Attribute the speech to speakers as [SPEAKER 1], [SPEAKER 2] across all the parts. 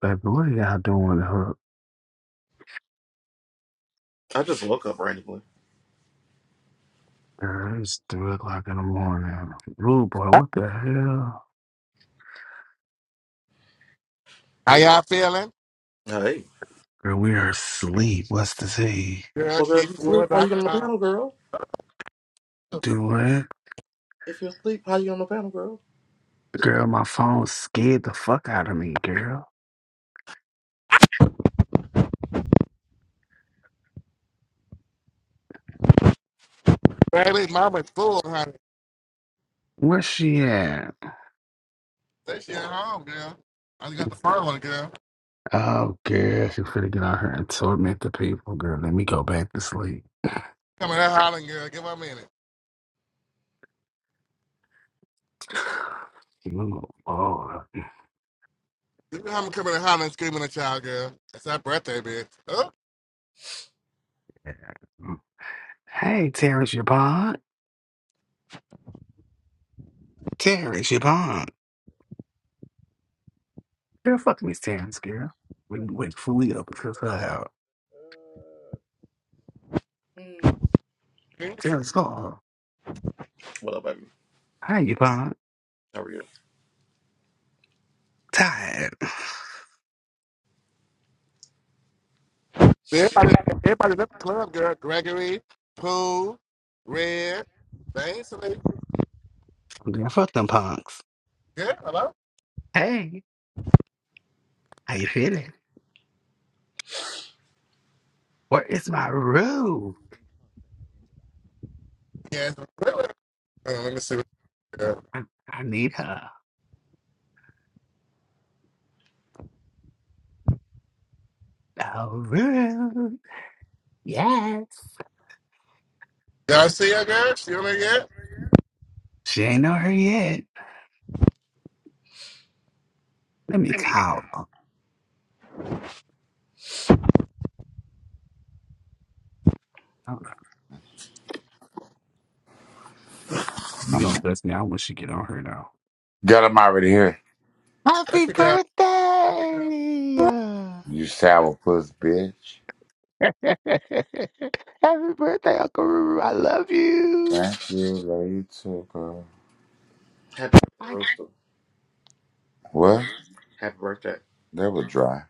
[SPEAKER 1] Baby, what are y'all doing with her?
[SPEAKER 2] I just woke up randomly.
[SPEAKER 1] Girl, it's three o'clock in the morning. Rude boy, what the hell?
[SPEAKER 3] How y'all feeling?
[SPEAKER 2] Hey.
[SPEAKER 1] Girl, we are asleep. What's the tea?
[SPEAKER 3] Girl,
[SPEAKER 2] Well, girl, if
[SPEAKER 3] she's
[SPEAKER 2] you sleep,
[SPEAKER 3] full.
[SPEAKER 2] why
[SPEAKER 3] I
[SPEAKER 2] you get on the panel, girl?
[SPEAKER 1] Do what?
[SPEAKER 2] If you're asleep, how you on the panel, girl?
[SPEAKER 1] Girl, my phone scared the fuck out of me, girl.
[SPEAKER 3] mama's full, honey.
[SPEAKER 1] Where's she at?
[SPEAKER 3] Say she at home, girl. I just got the phone, girl.
[SPEAKER 1] Oh, girl, she finna get out here and torment the people, girl. Let me go back to sleep.
[SPEAKER 3] Come in there hollering, girl. Give her a minute.
[SPEAKER 1] Ooh, Oh,
[SPEAKER 3] You know how I'm coming there hollering and screaming at y'all, girl. It's her birthday, bitch. Oh,
[SPEAKER 1] yeah. Hey, Terrence, your bond? Terrence, your bond. Girl, fuck me, Terrence, girl. We wait fully up because uh,
[SPEAKER 2] Mm.
[SPEAKER 3] yes.
[SPEAKER 1] Terrence, go on.
[SPEAKER 2] What up, baby?
[SPEAKER 1] How you punk?
[SPEAKER 2] How are you?
[SPEAKER 1] Tired.
[SPEAKER 3] Everybody at the club, girl. Gregory, Pooh, Red, Ainsley.
[SPEAKER 1] I'm Then fuck them punks.
[SPEAKER 3] Girl, hello?
[SPEAKER 1] Hey, how you feeling? Where is my room?
[SPEAKER 3] Yes. really? Hold on, let me see what girl.
[SPEAKER 1] I, I need her. A room. Yes.
[SPEAKER 3] Y'all see her, girl? She on there yet?
[SPEAKER 1] She ain't on her yet. Let me call her. I don't know. You gonna cuss me out when she get on her now.
[SPEAKER 4] Girl, I'm already here.
[SPEAKER 3] There
[SPEAKER 1] Happy
[SPEAKER 3] she go.
[SPEAKER 1] birthday!
[SPEAKER 4] You sour puss bitch.
[SPEAKER 1] Happy birthday, Uncle Ruru. I love you.
[SPEAKER 4] Thank you, lady. girl.
[SPEAKER 2] Happy birthday,
[SPEAKER 1] I-
[SPEAKER 2] Rooster.
[SPEAKER 4] What?
[SPEAKER 2] Happy birthday.
[SPEAKER 4] That was dry.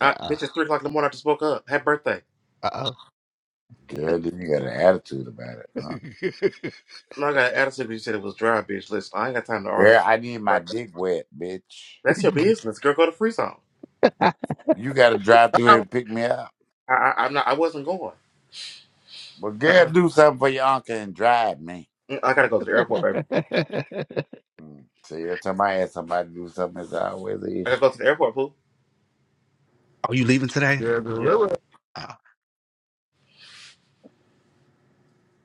[SPEAKER 2] I, bitch, it's 3 o'clock in the morning. I just woke up. Happy birthday.
[SPEAKER 1] uh-oh.
[SPEAKER 4] Girl, then you got an attitude about it. Huh?
[SPEAKER 2] No, I got an attitude because you said it was dry, bitch. Listen, I ain't got time to argue.
[SPEAKER 4] Girl,
[SPEAKER 2] with
[SPEAKER 4] I need
[SPEAKER 2] your
[SPEAKER 4] my
[SPEAKER 2] Birthday.
[SPEAKER 4] dick wet, bitch.
[SPEAKER 2] That's your business, girl. Go to Free Zone.
[SPEAKER 1] Uh-oh.
[SPEAKER 4] You got to drive through here
[SPEAKER 3] Wow.
[SPEAKER 4] and pick me up.
[SPEAKER 2] I, I, I'm not, I wasn't going.
[SPEAKER 4] But girl, do something for your uncle and drive me.
[SPEAKER 2] Mm, I gotta go to the airport, baby.
[SPEAKER 4] Mm. See, every time I ask somebody to do something, it's always an
[SPEAKER 2] I gotta
[SPEAKER 4] issue.
[SPEAKER 2] go to the airport, Pooh.
[SPEAKER 1] Are you leaving today?
[SPEAKER 3] Yeah, the
[SPEAKER 2] Yeah.
[SPEAKER 3] real.
[SPEAKER 1] Uh,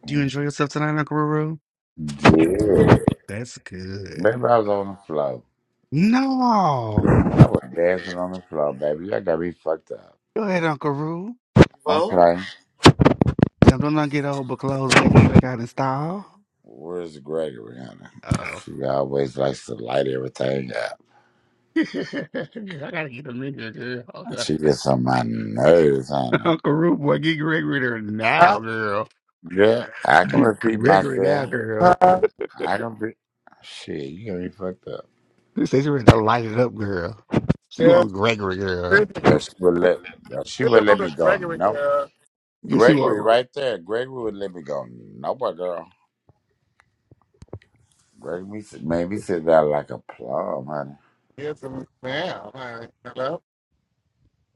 [SPEAKER 1] do you
[SPEAKER 4] Mm.
[SPEAKER 1] enjoy yourself tonight, Uncle Ruru?
[SPEAKER 4] Yeah.
[SPEAKER 1] That's good.
[SPEAKER 4] Baby, I was on the floor.
[SPEAKER 1] No.
[SPEAKER 4] I was dancing on the floor, baby. Y'all got me fucked up.
[SPEAKER 1] Go ahead, Uncle Ruru.
[SPEAKER 4] Don't
[SPEAKER 2] Well,
[SPEAKER 4] play.
[SPEAKER 1] Tell them not get old but clothes and they come back out in style.
[SPEAKER 4] Where's Gregory, honey?
[SPEAKER 1] Uh-oh.
[SPEAKER 4] She always likes to light everything up.
[SPEAKER 1] I gotta get them in here, girl. Hold up.
[SPEAKER 4] She gets on my nerves, honey.
[SPEAKER 1] Uncle Ruru, boy, get Gregory there now, girl.
[SPEAKER 4] Yeah, I can
[SPEAKER 1] Get
[SPEAKER 4] repeat
[SPEAKER 1] Gregory now,
[SPEAKER 4] myself.
[SPEAKER 1] girl.
[SPEAKER 4] I can be. Shit, you gonna be fucked up.
[SPEAKER 1] She says she ready to light it up, girl. She want Gregory, girl.
[SPEAKER 3] Yeah,
[SPEAKER 4] Girl, she would let. girl, she
[SPEAKER 3] This is
[SPEAKER 4] would let me
[SPEAKER 3] Robert
[SPEAKER 4] go.
[SPEAKER 3] Gregory
[SPEAKER 4] No,
[SPEAKER 3] girl.
[SPEAKER 1] Yes, she
[SPEAKER 4] Gregory,
[SPEAKER 1] want.
[SPEAKER 4] right there. Gregory would let me go. No, my girl. Gregory made me sit made me sit down like a plum, honey.
[SPEAKER 3] Get some now. Like, hello?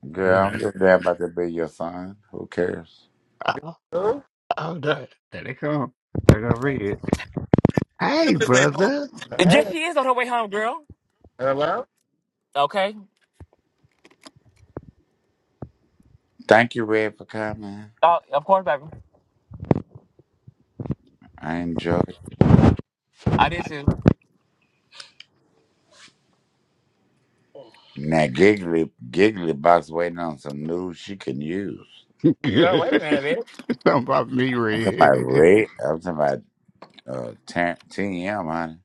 [SPEAKER 1] I know
[SPEAKER 4] Girl, I'm
[SPEAKER 1] that.
[SPEAKER 4] just there about to be your son. Who cares?
[SPEAKER 1] Oh,
[SPEAKER 3] Hello?
[SPEAKER 1] oh, there there they come. They got red. Hey,
[SPEAKER 5] Just went home.
[SPEAKER 1] brother.
[SPEAKER 5] Yes,
[SPEAKER 3] Hey.
[SPEAKER 5] she is on her way home, girl.
[SPEAKER 3] Hello?
[SPEAKER 5] Okay.
[SPEAKER 4] Thank you, Red, for coming.
[SPEAKER 5] Oh, of course, baby.
[SPEAKER 4] I enjoyed.
[SPEAKER 5] I did too.
[SPEAKER 4] Now Giggly Giggly Box waiting on some news she can use.
[SPEAKER 5] Girl,
[SPEAKER 1] Something
[SPEAKER 5] wait a minute, bitch.
[SPEAKER 1] about me,
[SPEAKER 4] I'm talking about
[SPEAKER 1] Red.
[SPEAKER 4] Red. I'm talking about uh, Tar- TM, honey.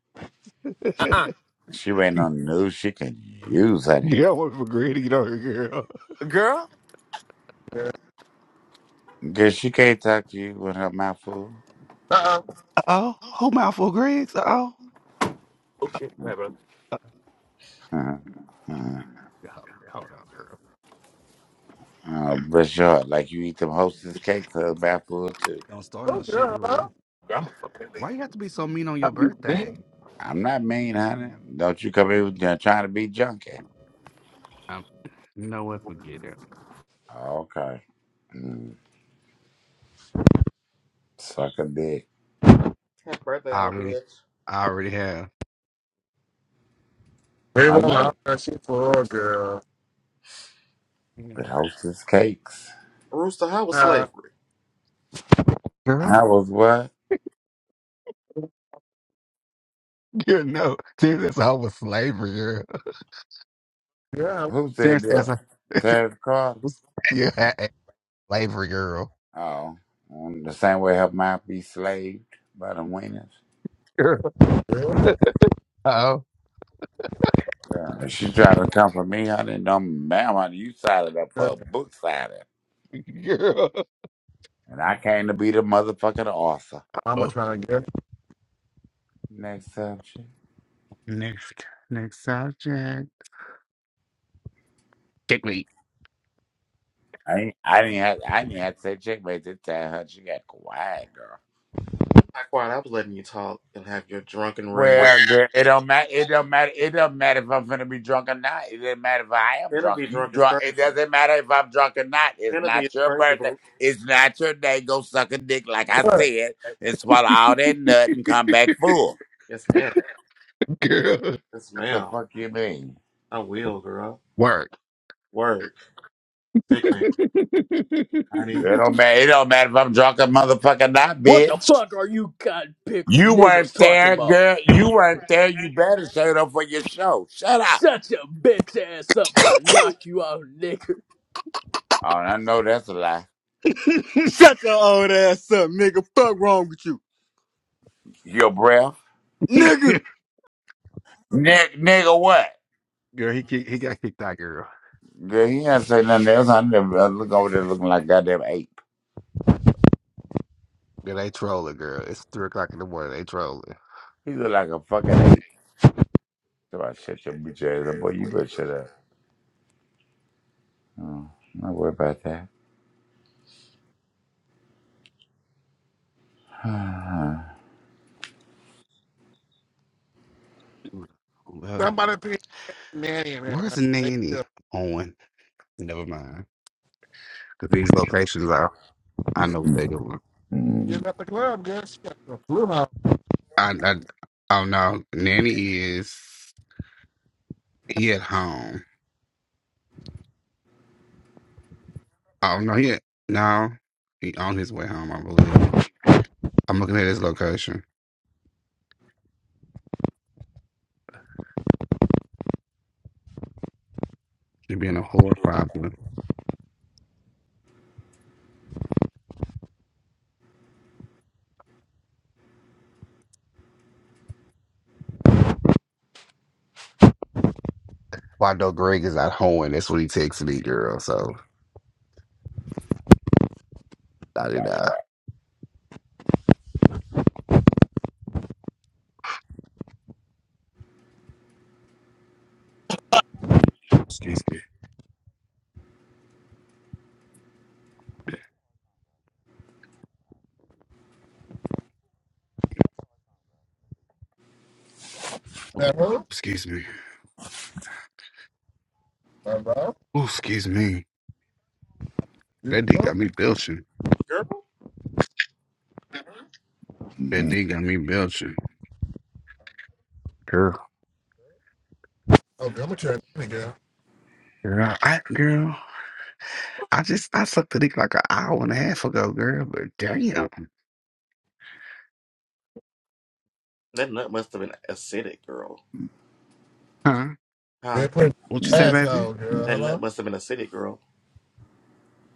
[SPEAKER 5] Uh uh
[SPEAKER 4] She waiting on the news she can use, honey.
[SPEAKER 1] yeah, I went for Greg to get on here, girl.
[SPEAKER 5] Girl.
[SPEAKER 3] Yeah.
[SPEAKER 4] Cause she can't talk to you with her mouth full.
[SPEAKER 3] Uh-oh.
[SPEAKER 1] Uh-oh. Who mouthful Greg's? Uh-oh.
[SPEAKER 5] Oh shit, wait, bro.
[SPEAKER 4] Uh
[SPEAKER 1] Yeah, Hold hold on, girl.
[SPEAKER 4] oh, bless your heart. Like you eat them hostess cakes, her
[SPEAKER 1] Girl,
[SPEAKER 4] mouth full too.
[SPEAKER 1] Don't start
[SPEAKER 3] Oh,
[SPEAKER 1] no shit,
[SPEAKER 3] girl, hello?
[SPEAKER 1] Ruru.
[SPEAKER 5] Girl, I'm a fucking lady.
[SPEAKER 1] Why you have to be so mean on
[SPEAKER 5] Are
[SPEAKER 1] your
[SPEAKER 5] you bitch?
[SPEAKER 1] birthday?
[SPEAKER 4] I'm not mean, honey. Don't you come here with- uh, trying to be junky.
[SPEAKER 1] Um, you know what? Forget it.
[SPEAKER 4] Okay. Mm, suck a dick.
[SPEAKER 2] happy birthday,
[SPEAKER 1] I
[SPEAKER 2] old
[SPEAKER 1] already,
[SPEAKER 2] bitch.
[SPEAKER 1] I already have.
[SPEAKER 4] I
[SPEAKER 3] People love
[SPEAKER 4] know.
[SPEAKER 3] that she for girl.
[SPEAKER 4] But
[SPEAKER 1] Mm.
[SPEAKER 4] hostess cakes.
[SPEAKER 2] Rooster, how was
[SPEAKER 3] Uh,
[SPEAKER 2] slavery?
[SPEAKER 1] Girl?
[SPEAKER 4] I was what?
[SPEAKER 1] You know, since that's all was slavery, girl.
[SPEAKER 3] yeah,
[SPEAKER 4] Who said
[SPEAKER 1] Since
[SPEAKER 3] hello.
[SPEAKER 1] as
[SPEAKER 4] that?
[SPEAKER 1] a,
[SPEAKER 4] Terrence Carter?
[SPEAKER 1] yeah, slavery, girl.
[SPEAKER 4] Oh, mm, the same way her mouth be slaved by the winners.
[SPEAKER 1] Girl. Oh,
[SPEAKER 4] Yeah, she tried to come for me. I didn't know, ma'am, I- you signed up
[SPEAKER 3] Yeah.
[SPEAKER 4] for a book signing. And I came to be the motherfucking author.
[SPEAKER 3] Mama
[SPEAKER 1] girl.
[SPEAKER 3] trying to get
[SPEAKER 4] Next subject.
[SPEAKER 1] Next, next subject. Dick me,
[SPEAKER 4] I ain't, I didn't have I didn't have to say checkmate this time. Her, she got quiet, girl.
[SPEAKER 2] Not quiet. I was letting you talk and have your drunken rage.
[SPEAKER 4] Well, the- it don't matter. It don't matter. It don't matter if I'm gonna be drunk or not. It doesn't matter if I am drunk.
[SPEAKER 2] Envy
[SPEAKER 4] You
[SPEAKER 2] drunk is
[SPEAKER 4] drunk. It
[SPEAKER 2] crazy.
[SPEAKER 4] doesn't matter if I'm drunk or not. It's
[SPEAKER 2] Envy is
[SPEAKER 4] not your
[SPEAKER 2] crazy,
[SPEAKER 4] birthday.
[SPEAKER 2] boo.
[SPEAKER 4] It's not your day. Go suck a dick, like I
[SPEAKER 3] What?
[SPEAKER 4] said, and swallow all that nut and come back full.
[SPEAKER 2] Yes, ma'am.
[SPEAKER 1] girl.
[SPEAKER 2] Yes,
[SPEAKER 4] What the
[SPEAKER 2] ma'am.
[SPEAKER 4] fuck you mean?
[SPEAKER 2] I will, girl.
[SPEAKER 1] Work.
[SPEAKER 2] Work.
[SPEAKER 1] girl,
[SPEAKER 2] Sickening.
[SPEAKER 4] It
[SPEAKER 2] Honey.
[SPEAKER 4] don't matter. It don't matter if I'm drunk or motherfucker not,
[SPEAKER 6] What the
[SPEAKER 4] bitch.
[SPEAKER 6] fuck are you cotton picker
[SPEAKER 4] You
[SPEAKER 6] niggers
[SPEAKER 4] weren't
[SPEAKER 6] talking
[SPEAKER 4] there,
[SPEAKER 6] about?
[SPEAKER 4] girl. You weren't there. You better shut up for your show. Shut up.
[SPEAKER 6] Shut your bitch ass up or I knock you out, nigger.
[SPEAKER 4] Oh, I know that's a lie.
[SPEAKER 7] Shut your old ass up, nigga. Fuck wrong with you,
[SPEAKER 4] Your breath,
[SPEAKER 7] nigga.
[SPEAKER 4] Ni- nigga. What?
[SPEAKER 1] he kick, he got kicked out, girl.
[SPEAKER 4] Girl, he ain't say nothing else. I never I look over there looking like goddamn ape.
[SPEAKER 1] Girl, they trolling, girl. It's three o'clock in the morning. They trolling.
[SPEAKER 4] He look like a fucking ape. So I shut your bitch ass up, boy. You better shut up. Oh, not worry about that.
[SPEAKER 1] Well,
[SPEAKER 3] Somebody pee nanny in
[SPEAKER 1] where's
[SPEAKER 3] here.
[SPEAKER 1] the
[SPEAKER 3] They still
[SPEAKER 1] nanny? Owen. Never mind. Cause these locations are. I know what they doing.
[SPEAKER 3] getting at the club, girl. She got the flu out.
[SPEAKER 1] I, I oh no, nanny is he at home. Oh no, he at, no, he on his way home. I believe. I'm looking at his location. She being a whore probably. Well, I know Greg is at home, and that's what he texted me, girl. So I did not. Excuse me. Oh,
[SPEAKER 3] That who?
[SPEAKER 1] Excuse me.
[SPEAKER 3] Hello?
[SPEAKER 1] Oh, excuse me. That D
[SPEAKER 3] Who?
[SPEAKER 1] got me belching.
[SPEAKER 2] Girl?
[SPEAKER 1] That D got me belching. Girl.
[SPEAKER 3] Oh, what's your nanny, girl?
[SPEAKER 1] Girl, I girl, I just I sucked the dick like an hour and a half ago, girl, but damn.
[SPEAKER 2] That nut must have been acidic, girl.
[SPEAKER 1] Huh?
[SPEAKER 3] They're
[SPEAKER 2] Huh?
[SPEAKER 1] What you say, baby?
[SPEAKER 3] asshole, girl.
[SPEAKER 2] That nut
[SPEAKER 3] Hello?
[SPEAKER 2] must have been acidic, girl.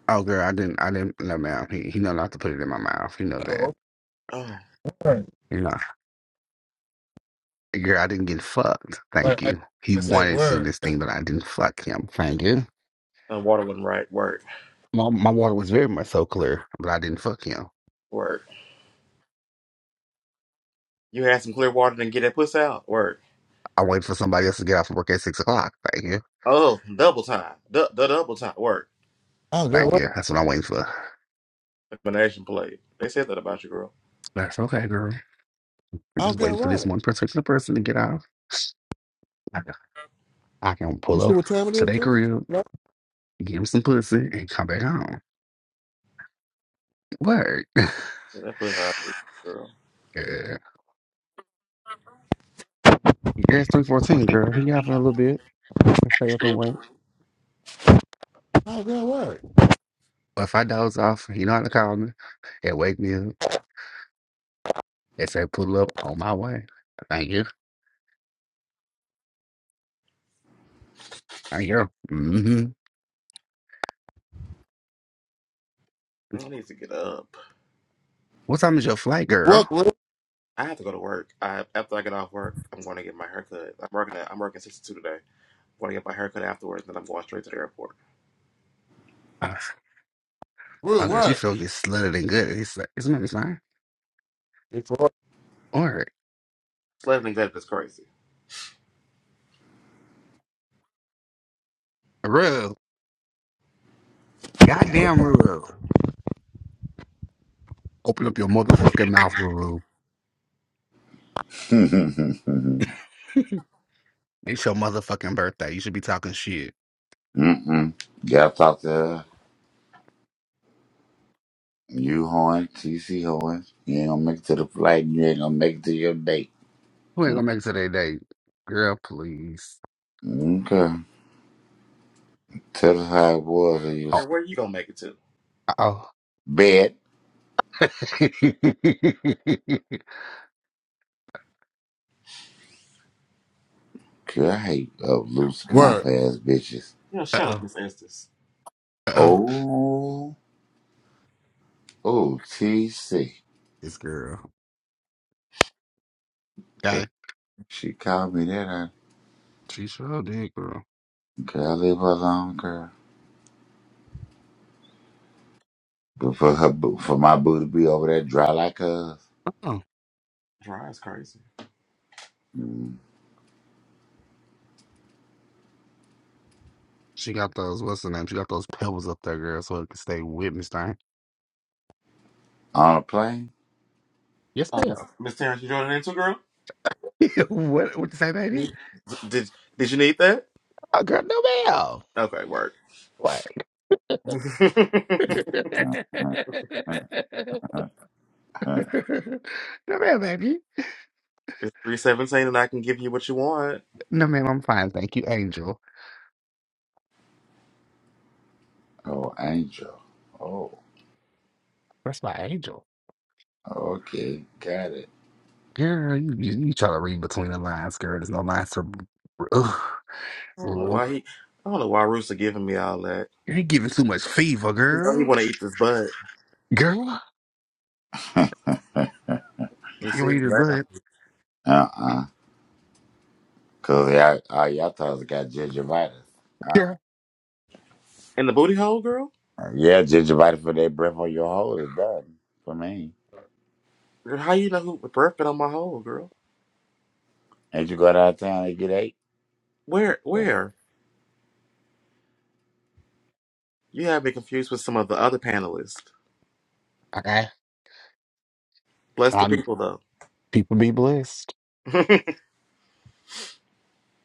[SPEAKER 1] Oh girl, I didn't I didn't no ma'am. He he know not to put it in my mouth. You know that.
[SPEAKER 3] Oh,
[SPEAKER 2] Oh.
[SPEAKER 3] okay.
[SPEAKER 1] You know. Girl, I didn't get fucked.
[SPEAKER 3] Like,
[SPEAKER 1] Thank
[SPEAKER 3] I,
[SPEAKER 1] you. He
[SPEAKER 3] I say
[SPEAKER 1] wanted to
[SPEAKER 3] word.
[SPEAKER 1] this thing, but I didn't fuck him. Thank you.
[SPEAKER 2] And water wasn't right. Work.
[SPEAKER 1] My, my water was very much so clear, but I didn't fuck him.
[SPEAKER 2] Work. You had some clear water and get that puss out? Work.
[SPEAKER 1] I waited for somebody else to get off work at six o'clock. Thank you.
[SPEAKER 2] Oh, double time. the double time. Work.
[SPEAKER 3] Oh, good
[SPEAKER 1] Thank
[SPEAKER 3] word.
[SPEAKER 1] you. That's what I'm
[SPEAKER 2] Yeah.
[SPEAKER 1] waiting for.
[SPEAKER 2] Explanation play. They said that about you, girl.
[SPEAKER 1] That's okay, girl. We're
[SPEAKER 3] Oh,
[SPEAKER 1] just waiting
[SPEAKER 3] good
[SPEAKER 1] for this
[SPEAKER 3] word.
[SPEAKER 1] one particular person to get off. I can, I can
[SPEAKER 3] You
[SPEAKER 1] pull
[SPEAKER 3] see
[SPEAKER 1] up
[SPEAKER 3] what time it
[SPEAKER 1] to
[SPEAKER 3] is,
[SPEAKER 1] their
[SPEAKER 3] Jim?
[SPEAKER 1] crib,
[SPEAKER 3] No.
[SPEAKER 1] give him some pussy, and come back home. Word. yeah.
[SPEAKER 2] Yeah, that puss out, girl.
[SPEAKER 1] Yeah, It's 314, girl. He off in a little bit. I can stay up and wait.
[SPEAKER 3] Oh, good work.
[SPEAKER 1] But if I doze off, you know how to call me. It wake me up. It say pull up on my way. Thank you. Thank you. Mm-hmm.
[SPEAKER 2] I need to get up.
[SPEAKER 1] What time is your flight,
[SPEAKER 3] Work,
[SPEAKER 1] girl?
[SPEAKER 3] real,
[SPEAKER 2] I have to go to work. I, after I get off work, I'm going to get my haircut. I'm working. At, I'm working 62 today. I'm going to get my haircut afterwards, then I'm going straight to the airport.
[SPEAKER 1] Uh,
[SPEAKER 3] real
[SPEAKER 1] oh, girl, she
[SPEAKER 3] work.
[SPEAKER 1] feel get slutted and good. He's like, it's not fine.
[SPEAKER 3] It's work.
[SPEAKER 1] All right.
[SPEAKER 2] Sledding and Executive is crazy.
[SPEAKER 1] Ruru. Goddamn Ruru. Open up your motherfucking mouth, Ruru. It's your motherfucking birthday. You should be talking shit.
[SPEAKER 4] Mm-mm. Gotta talk to her. You Horn, TC Horn. You ain't gonna make it to the flight and you ain't gonna make it to your date.
[SPEAKER 1] Who ain't gonna make it to their day? Girl, please.
[SPEAKER 4] Okay. Tell us how it was in your
[SPEAKER 1] Oh,
[SPEAKER 2] Girl, where are you gonna make it to?
[SPEAKER 1] uh-oh.
[SPEAKER 4] bed. Girl, I hate up loose mouth
[SPEAKER 3] Work.
[SPEAKER 4] ass bitches.
[SPEAKER 2] You know, shut up,
[SPEAKER 1] uh-oh.
[SPEAKER 2] Miss Estes.
[SPEAKER 1] Uh-oh.
[SPEAKER 4] Oh. Oh, TC.
[SPEAKER 1] This girl.
[SPEAKER 4] Okay.
[SPEAKER 1] Okay.
[SPEAKER 4] She called me that. I,
[SPEAKER 1] She sure did, girl.
[SPEAKER 4] girl, leave her alone, girl. But for her, boo- for my boo to be over there dry like us
[SPEAKER 1] Oh.
[SPEAKER 2] Dry is crazy.
[SPEAKER 4] mm,
[SPEAKER 1] She got those, what's the name? She got those pebbles up there, girl, so it can stay with me, Stein.
[SPEAKER 4] on a plane.
[SPEAKER 1] Yes,
[SPEAKER 2] Oh, Miss
[SPEAKER 1] ma'am.
[SPEAKER 2] Miss Terrence, you joining in too, girl?
[SPEAKER 1] what, what you say, baby?
[SPEAKER 2] Me? Did Did you need that?
[SPEAKER 1] Oh, girl, no, ma'am.
[SPEAKER 2] Okay, work.
[SPEAKER 1] Why?
[SPEAKER 2] it's
[SPEAKER 1] no ma'am, baby.
[SPEAKER 2] three seventeen, and I can give you what you want.
[SPEAKER 1] No ma'am, I'm fine, thank you, Angel.
[SPEAKER 4] oh, angel. Oh,
[SPEAKER 1] That's my angel.
[SPEAKER 4] okay, got it.
[SPEAKER 1] Girl, you, you, you try to read between the lines, girl. There's no lines to. Ugh,
[SPEAKER 2] I don't know
[SPEAKER 1] girl.
[SPEAKER 2] why he. I don't know why Rooster giving me all that.
[SPEAKER 1] You're giving too much fever,
[SPEAKER 2] You know, he
[SPEAKER 1] girl.
[SPEAKER 2] want to eat this butt.
[SPEAKER 1] Girl,
[SPEAKER 2] You see,
[SPEAKER 1] you
[SPEAKER 2] him
[SPEAKER 1] ain't
[SPEAKER 2] laugh.
[SPEAKER 1] good,
[SPEAKER 4] Uh uh Cause y'all, all y'all thought got gingivitis. Uh,
[SPEAKER 1] girl.
[SPEAKER 2] And the booty hole, girl.
[SPEAKER 4] yeah, gingivitis for that breath on your hole is done for me.
[SPEAKER 2] Girl, how you know who birth been on my hole, girl?
[SPEAKER 4] Ain't you go downtown and get eight?
[SPEAKER 2] Where
[SPEAKER 4] Bum,
[SPEAKER 2] where? You have me confused with some of the other panelists.
[SPEAKER 1] Okay,
[SPEAKER 2] Bless the
[SPEAKER 1] I'm.
[SPEAKER 2] people though.
[SPEAKER 1] People be blessed.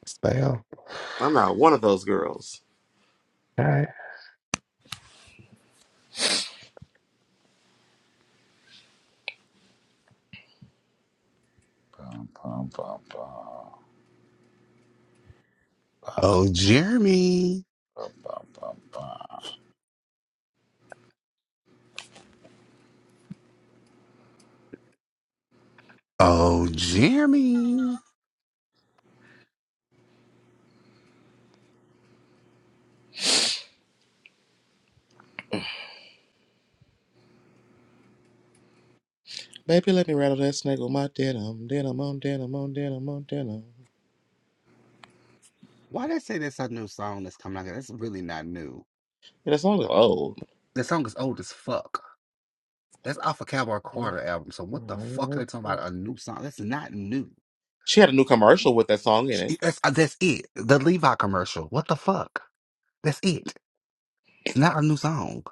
[SPEAKER 1] Spell.
[SPEAKER 2] I'm not one of those girls.
[SPEAKER 1] Okay.
[SPEAKER 4] bum, bum, bum.
[SPEAKER 1] Oh, Jeremy.
[SPEAKER 4] Bum, bum, bum, bum.
[SPEAKER 1] Oh, Jeremy.
[SPEAKER 2] Baby, let me rattle that snake with my denim, denim on denim on denim on denim.
[SPEAKER 1] Why they say that's a new song that's coming out? That's really not new.
[SPEAKER 2] Yeah, that song is old.
[SPEAKER 1] That song is old as fuck. That's off a Cowboy Carter album. So what the fuck are they talking about? A new song? That's not new.
[SPEAKER 2] She had a new commercial with that song in it.
[SPEAKER 1] Sh- That's uh, that's it. The Levi commercial. What the fuck? That's it. It's not a new song.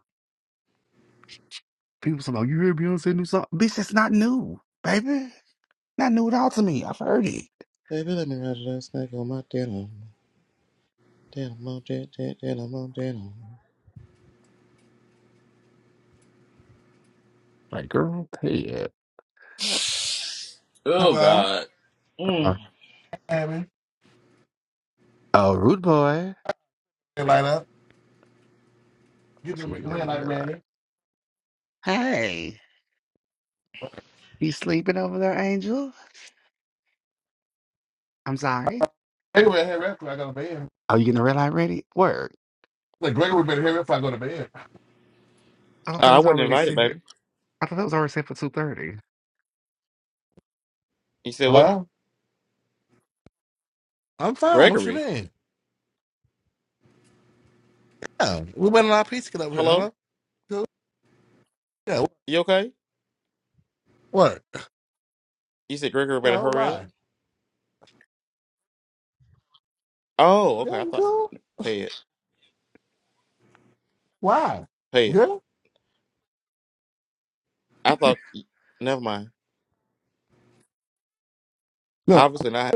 [SPEAKER 1] People say, "Oh, you hear Beyonce new song?" Bitch, it's not new, baby. Not new at all to me. I've heard it.
[SPEAKER 2] Baby, let me rattle that snake on my denim, denim on denim, denim on denim.
[SPEAKER 1] Like, girl, pay it.
[SPEAKER 2] Oh
[SPEAKER 3] Hello,
[SPEAKER 2] God. Mm.
[SPEAKER 1] Uh,
[SPEAKER 3] Amy.
[SPEAKER 1] oh, rude boy.
[SPEAKER 3] Hey, light up. You
[SPEAKER 1] She
[SPEAKER 3] can
[SPEAKER 1] must be
[SPEAKER 3] red
[SPEAKER 1] having a
[SPEAKER 3] light
[SPEAKER 1] red light.
[SPEAKER 3] ready.
[SPEAKER 1] Hey, you sleeping over there, Angel? I'm sorry.
[SPEAKER 3] Anyway, here after I go to bed.
[SPEAKER 1] Are you getting a red light ready? Word.
[SPEAKER 3] Like Gregory better here if I go to bed.
[SPEAKER 1] I thought
[SPEAKER 2] Uh,
[SPEAKER 1] that
[SPEAKER 2] I
[SPEAKER 1] was
[SPEAKER 2] wasn't
[SPEAKER 1] already
[SPEAKER 2] invited,
[SPEAKER 1] said.
[SPEAKER 2] baby.
[SPEAKER 1] I thought that was already said for two thirty.
[SPEAKER 2] You said what?
[SPEAKER 3] Hello? I'm fine. What you
[SPEAKER 2] Gregory.
[SPEAKER 3] mean? Yeah. We went on our pizza get over here.
[SPEAKER 2] Hello?
[SPEAKER 3] Hello? Cool. Yeah,
[SPEAKER 2] You okay?
[SPEAKER 3] work.
[SPEAKER 2] You said Gregory better
[SPEAKER 3] No,
[SPEAKER 2] hurry up? Oh, okay. I thought
[SPEAKER 3] cool.
[SPEAKER 2] pay it.
[SPEAKER 3] Why?
[SPEAKER 2] Pay it.
[SPEAKER 3] Good?
[SPEAKER 2] I thought never mind.
[SPEAKER 3] No,
[SPEAKER 2] Obviously not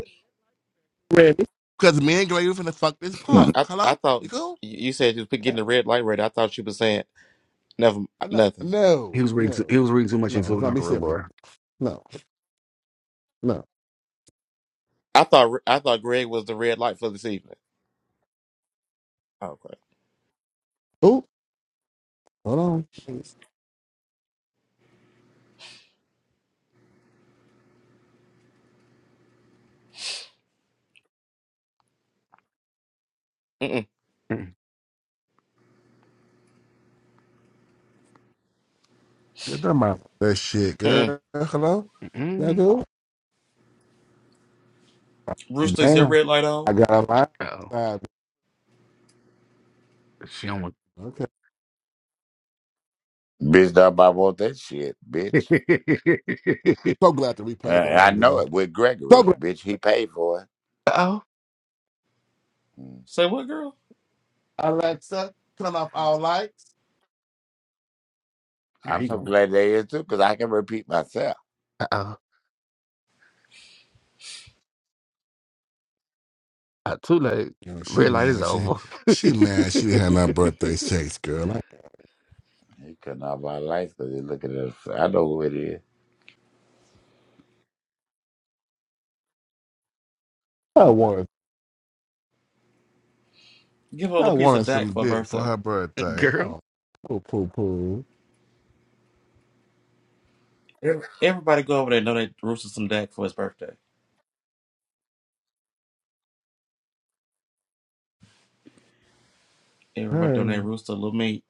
[SPEAKER 3] I'm ready. Because me and Gregory finna fuck this
[SPEAKER 2] no
[SPEAKER 4] Bitch,
[SPEAKER 3] punk.
[SPEAKER 2] I I
[SPEAKER 3] Hello?
[SPEAKER 2] thought you said you was getting the red light ready. I thought you was saying never m- nothing.
[SPEAKER 1] He
[SPEAKER 3] No,
[SPEAKER 1] was reading. Too, he
[SPEAKER 3] no.
[SPEAKER 1] was reading too much
[SPEAKER 3] No,
[SPEAKER 1] into
[SPEAKER 3] let's
[SPEAKER 1] it,
[SPEAKER 3] not be
[SPEAKER 1] Uncle
[SPEAKER 3] silly.
[SPEAKER 1] Rubor.
[SPEAKER 3] No, no.
[SPEAKER 2] I thought I thought Greg was the red light for this evening. Okay.
[SPEAKER 3] Oh, hold on.
[SPEAKER 2] Mm-mm.
[SPEAKER 3] Get them out of that shit,
[SPEAKER 2] Mm-mm.
[SPEAKER 3] girl. Hello? Y'all
[SPEAKER 1] Mm-mm.
[SPEAKER 3] cool?
[SPEAKER 2] Rooster, is your
[SPEAKER 3] Damn.
[SPEAKER 2] red light on?
[SPEAKER 3] Got a lot.
[SPEAKER 1] Oh,
[SPEAKER 3] Five.
[SPEAKER 1] she don't want.
[SPEAKER 3] Okay.
[SPEAKER 4] I bought all that shit,
[SPEAKER 1] uh
[SPEAKER 4] bitch.
[SPEAKER 3] So glad the
[SPEAKER 4] Uh,
[SPEAKER 3] replays are
[SPEAKER 4] I
[SPEAKER 3] on,
[SPEAKER 4] know
[SPEAKER 3] girl.
[SPEAKER 4] it with
[SPEAKER 3] So
[SPEAKER 4] Gregory,
[SPEAKER 3] glad.
[SPEAKER 4] bitch. He paid for it.
[SPEAKER 1] oh,
[SPEAKER 4] Mm.
[SPEAKER 2] Say what girl?
[SPEAKER 3] Alexa, turn off all lights.
[SPEAKER 1] here
[SPEAKER 4] I'm
[SPEAKER 1] he
[SPEAKER 4] so
[SPEAKER 1] going.
[SPEAKER 4] glad they is too, because I can repeat myself.
[SPEAKER 1] Uh oh, uh, too late.
[SPEAKER 3] You know, she
[SPEAKER 1] Red light is
[SPEAKER 3] mad. She
[SPEAKER 1] over.
[SPEAKER 3] she mad. She didn't have my birthday sex, girl. Like,
[SPEAKER 4] He couldn't have our life because he look at us. I know who it is.
[SPEAKER 3] I want
[SPEAKER 2] Give her a little
[SPEAKER 3] I
[SPEAKER 2] piece of
[SPEAKER 3] want
[SPEAKER 2] Dak for her birthday.
[SPEAKER 3] a birthday.
[SPEAKER 1] Girl,
[SPEAKER 3] Oh, poo poo poo.
[SPEAKER 2] Every- Everybody go over there and donate Rooster some Dak for his birthday. Everybody
[SPEAKER 3] Hey,
[SPEAKER 2] donate Rooster a little meat.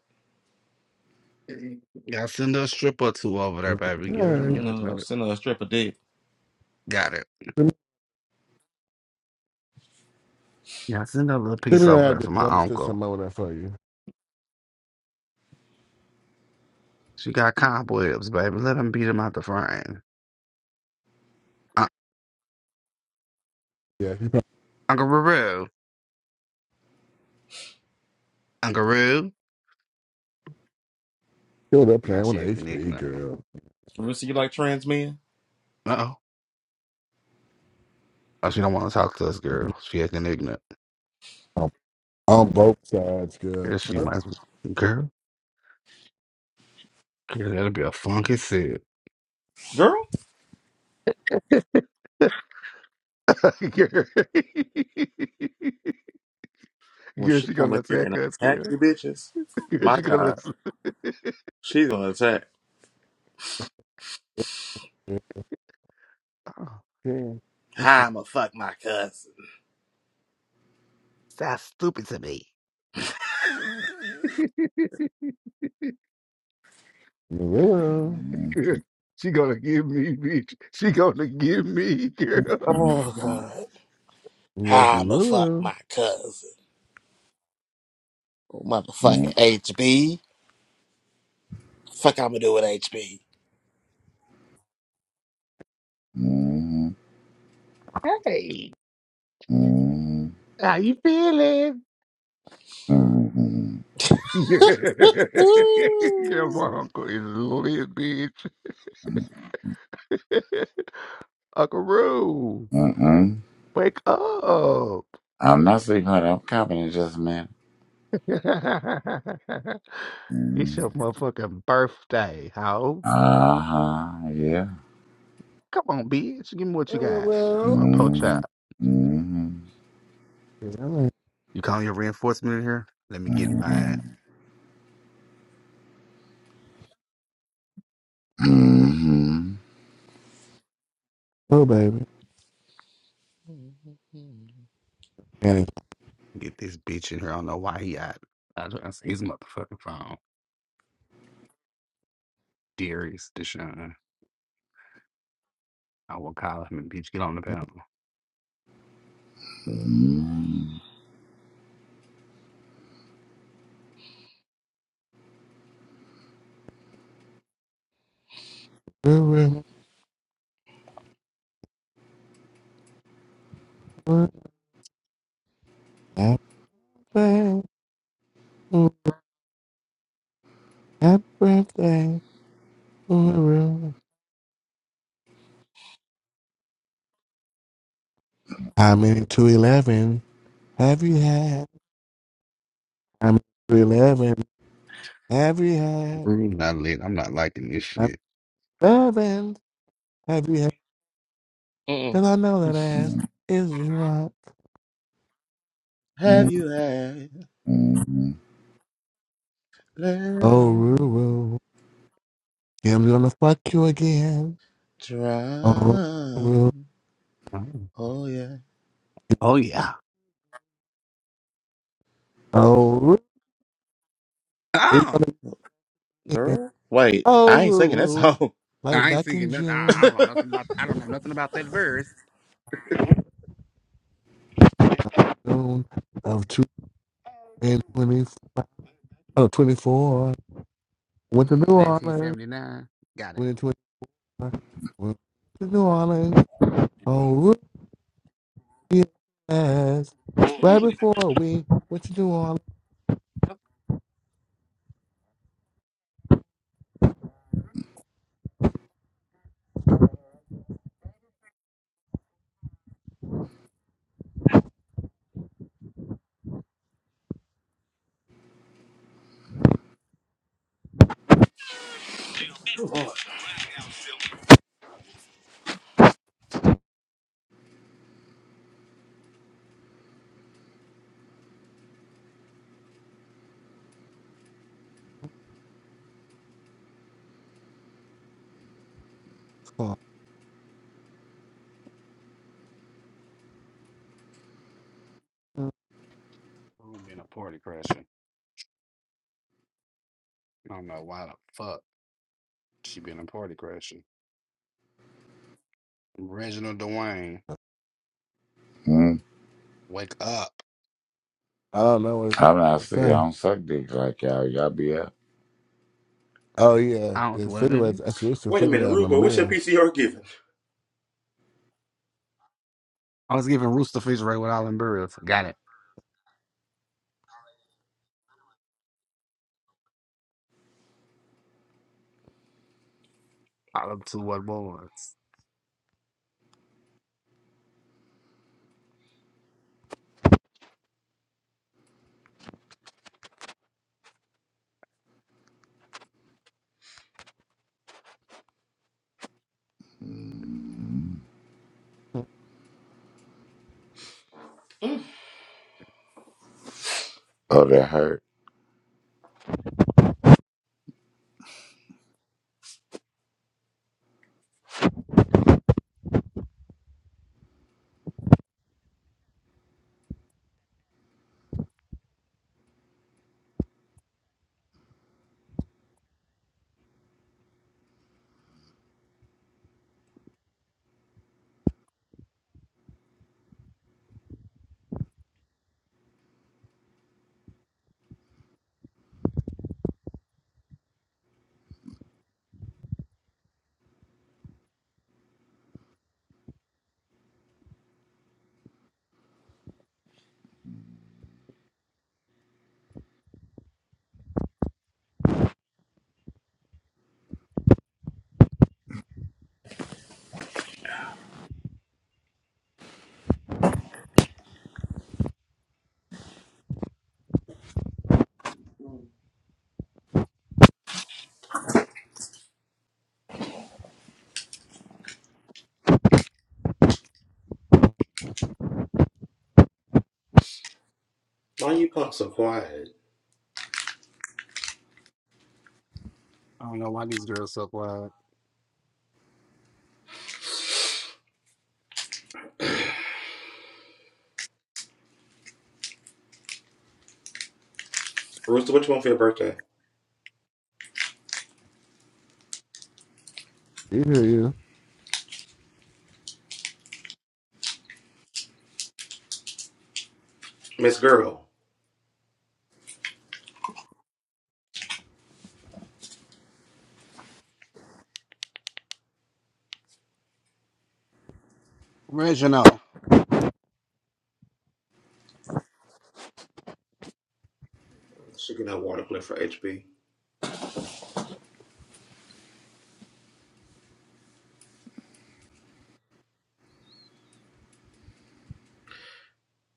[SPEAKER 1] gotta send her a strip or two over there, baby. Get her,
[SPEAKER 3] hey.
[SPEAKER 1] get her,
[SPEAKER 2] No,
[SPEAKER 1] let her.
[SPEAKER 2] send her a strip of dick.
[SPEAKER 1] Got it.
[SPEAKER 3] Let me,
[SPEAKER 1] Yeah, send her a little
[SPEAKER 3] let
[SPEAKER 1] piece
[SPEAKER 3] me
[SPEAKER 1] over
[SPEAKER 3] add
[SPEAKER 1] there
[SPEAKER 3] this.
[SPEAKER 1] for my
[SPEAKER 3] I'm gonna send
[SPEAKER 1] uncle.
[SPEAKER 3] some over there for you.
[SPEAKER 1] She got cobwebs, baby. Let him beat him out the frame. Uh,
[SPEAKER 3] Yeah, she probably
[SPEAKER 1] Uncle Roo, Uncle Roo.
[SPEAKER 3] still there
[SPEAKER 1] Now
[SPEAKER 3] playing with
[SPEAKER 1] she acting
[SPEAKER 3] HP,
[SPEAKER 1] ignorant.
[SPEAKER 3] girl.
[SPEAKER 2] Rooster, you like trans men?
[SPEAKER 1] Oh, she don't want to talk to us, girl. She acting ignorant.
[SPEAKER 3] On, on both sides, girl.
[SPEAKER 1] Girl, she
[SPEAKER 2] Girl,
[SPEAKER 1] might as well. Girl, girl, that'll be a funky set.
[SPEAKER 2] girl,
[SPEAKER 1] girl.
[SPEAKER 2] when
[SPEAKER 1] girl,
[SPEAKER 2] she
[SPEAKER 1] she
[SPEAKER 2] come
[SPEAKER 1] gonna
[SPEAKER 2] in here
[SPEAKER 1] attack
[SPEAKER 2] and
[SPEAKER 1] us,
[SPEAKER 2] attack
[SPEAKER 1] girl.
[SPEAKER 2] you bitches,
[SPEAKER 1] Girl,
[SPEAKER 2] my
[SPEAKER 1] she
[SPEAKER 2] God,
[SPEAKER 1] gonna.
[SPEAKER 2] she's gonna attack.
[SPEAKER 3] Yeah.
[SPEAKER 1] Oh,
[SPEAKER 3] yeah.
[SPEAKER 2] How I'ma fuck my cousin?
[SPEAKER 1] sounds stupid to me.
[SPEAKER 3] Hello.
[SPEAKER 4] Mhm,
[SPEAKER 1] girl, she gonna give me, bitch. She gonna give me, girl.
[SPEAKER 2] Oh
[SPEAKER 4] mhm, mhm,
[SPEAKER 2] God,
[SPEAKER 3] Yes,
[SPEAKER 2] how I'ma fuck
[SPEAKER 3] hello.
[SPEAKER 2] my cousin? Motherfucking HB, fuck I'ma do with HB?
[SPEAKER 4] mhm,
[SPEAKER 1] Hey. How you feeling?
[SPEAKER 4] mhm,
[SPEAKER 1] yeah, my
[SPEAKER 2] Ooh.
[SPEAKER 1] uncle is lit, bitch.
[SPEAKER 4] mhm,
[SPEAKER 1] Uncle Roo,
[SPEAKER 4] mhm.
[SPEAKER 1] wake up.
[SPEAKER 4] I'm not sleeping. I'm confident, just man.
[SPEAKER 1] it's your motherfucking birthday, ho.
[SPEAKER 4] Uh huh. Yeah.
[SPEAKER 1] Come on, bitch. Give me what you got.
[SPEAKER 3] Hello.
[SPEAKER 1] Well, poach
[SPEAKER 4] Mm-hmm.
[SPEAKER 1] out.
[SPEAKER 4] Mm-hmm.
[SPEAKER 3] Hello.
[SPEAKER 1] You calling your reinforcement in here? Let me get in my ass.
[SPEAKER 4] Mm-hmm.
[SPEAKER 3] Oh, baby. And it's
[SPEAKER 1] Get this bitch in here. I don't know why he out. I just not his motherfucking phone. Darius, Deshaun. I will call him and bitch, get on the panel.
[SPEAKER 4] Mm,
[SPEAKER 3] hello. Happy birthday. Happy birthday. Hello. How many two eleven have you had? How many two eleven have you had?
[SPEAKER 1] Room not lit. I'm not liking this shit.
[SPEAKER 3] How many 11 have you had?
[SPEAKER 2] Mm-mm.
[SPEAKER 3] Because I know that ass
[SPEAKER 4] mm,
[SPEAKER 3] is drunk.
[SPEAKER 2] Have
[SPEAKER 4] mm,
[SPEAKER 2] you had
[SPEAKER 4] mm.
[SPEAKER 3] Oh,
[SPEAKER 2] lemon
[SPEAKER 3] Ruru. Kim's gonna fuck you again.
[SPEAKER 2] drop?
[SPEAKER 3] Oh, Ruru.
[SPEAKER 1] Oh,
[SPEAKER 2] Oh yeah,
[SPEAKER 1] oh, yeah.
[SPEAKER 3] Oh, Ruru. He's
[SPEAKER 1] Oh,
[SPEAKER 3] gonna get it.
[SPEAKER 2] girl. Wait, I ain't
[SPEAKER 3] Oh,
[SPEAKER 2] singing that song.
[SPEAKER 1] I ain't
[SPEAKER 3] back in
[SPEAKER 1] singing nothing. I,
[SPEAKER 3] June
[SPEAKER 1] I don't know nothing about. I don't know nothing about that verse.
[SPEAKER 3] of 2024. Oh, twenty-four. Went to New Orleans.
[SPEAKER 1] 1979. Got it.
[SPEAKER 3] Went to, went to New Orleans. Oh, yes. Right
[SPEAKER 1] Mm.
[SPEAKER 3] before we went to New Orleans. Oh,
[SPEAKER 1] Who been a party crasher? I don't know why the fuck she been a party crasher. Reginald Dwayne,
[SPEAKER 4] mm.
[SPEAKER 1] wake up.
[SPEAKER 3] I don't know what,
[SPEAKER 4] I'm not
[SPEAKER 3] what to
[SPEAKER 4] sick. I
[SPEAKER 3] say.
[SPEAKER 4] don't suck dick like y'all. Y'all be up.
[SPEAKER 3] Oh, yeah.
[SPEAKER 1] I don't do
[SPEAKER 3] It's
[SPEAKER 1] what,
[SPEAKER 3] pretty much,
[SPEAKER 1] baby.
[SPEAKER 3] that's what's the
[SPEAKER 2] Wait a
[SPEAKER 3] pretty
[SPEAKER 2] minute,
[SPEAKER 3] much.
[SPEAKER 2] Rubo, what's your PCR giving?
[SPEAKER 1] I was giving Rooster Fish right with Island Birds. Got it. All up to what boys.
[SPEAKER 4] Mm.
[SPEAKER 2] Mm.
[SPEAKER 4] Oh, that hurt.
[SPEAKER 2] Why you punk so quiet?
[SPEAKER 1] I don't know why these girls so quiet.
[SPEAKER 2] Rooster, what you want for your birthday?
[SPEAKER 3] You hear you.
[SPEAKER 2] Miss Girl.
[SPEAKER 1] Reginald.
[SPEAKER 2] She getting her water plate for HB.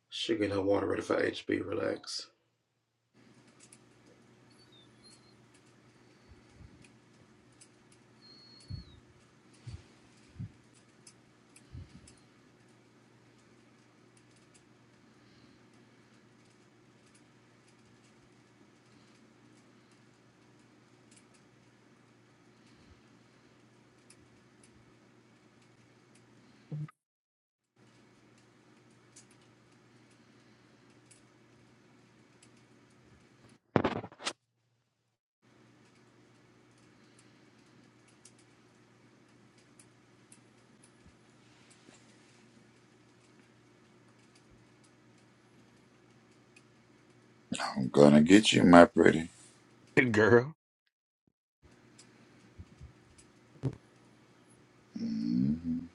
[SPEAKER 2] She getting her water ready for HB. Relax.
[SPEAKER 4] I'm gonna get you, my pretty.
[SPEAKER 1] Good girl.
[SPEAKER 4] Mm,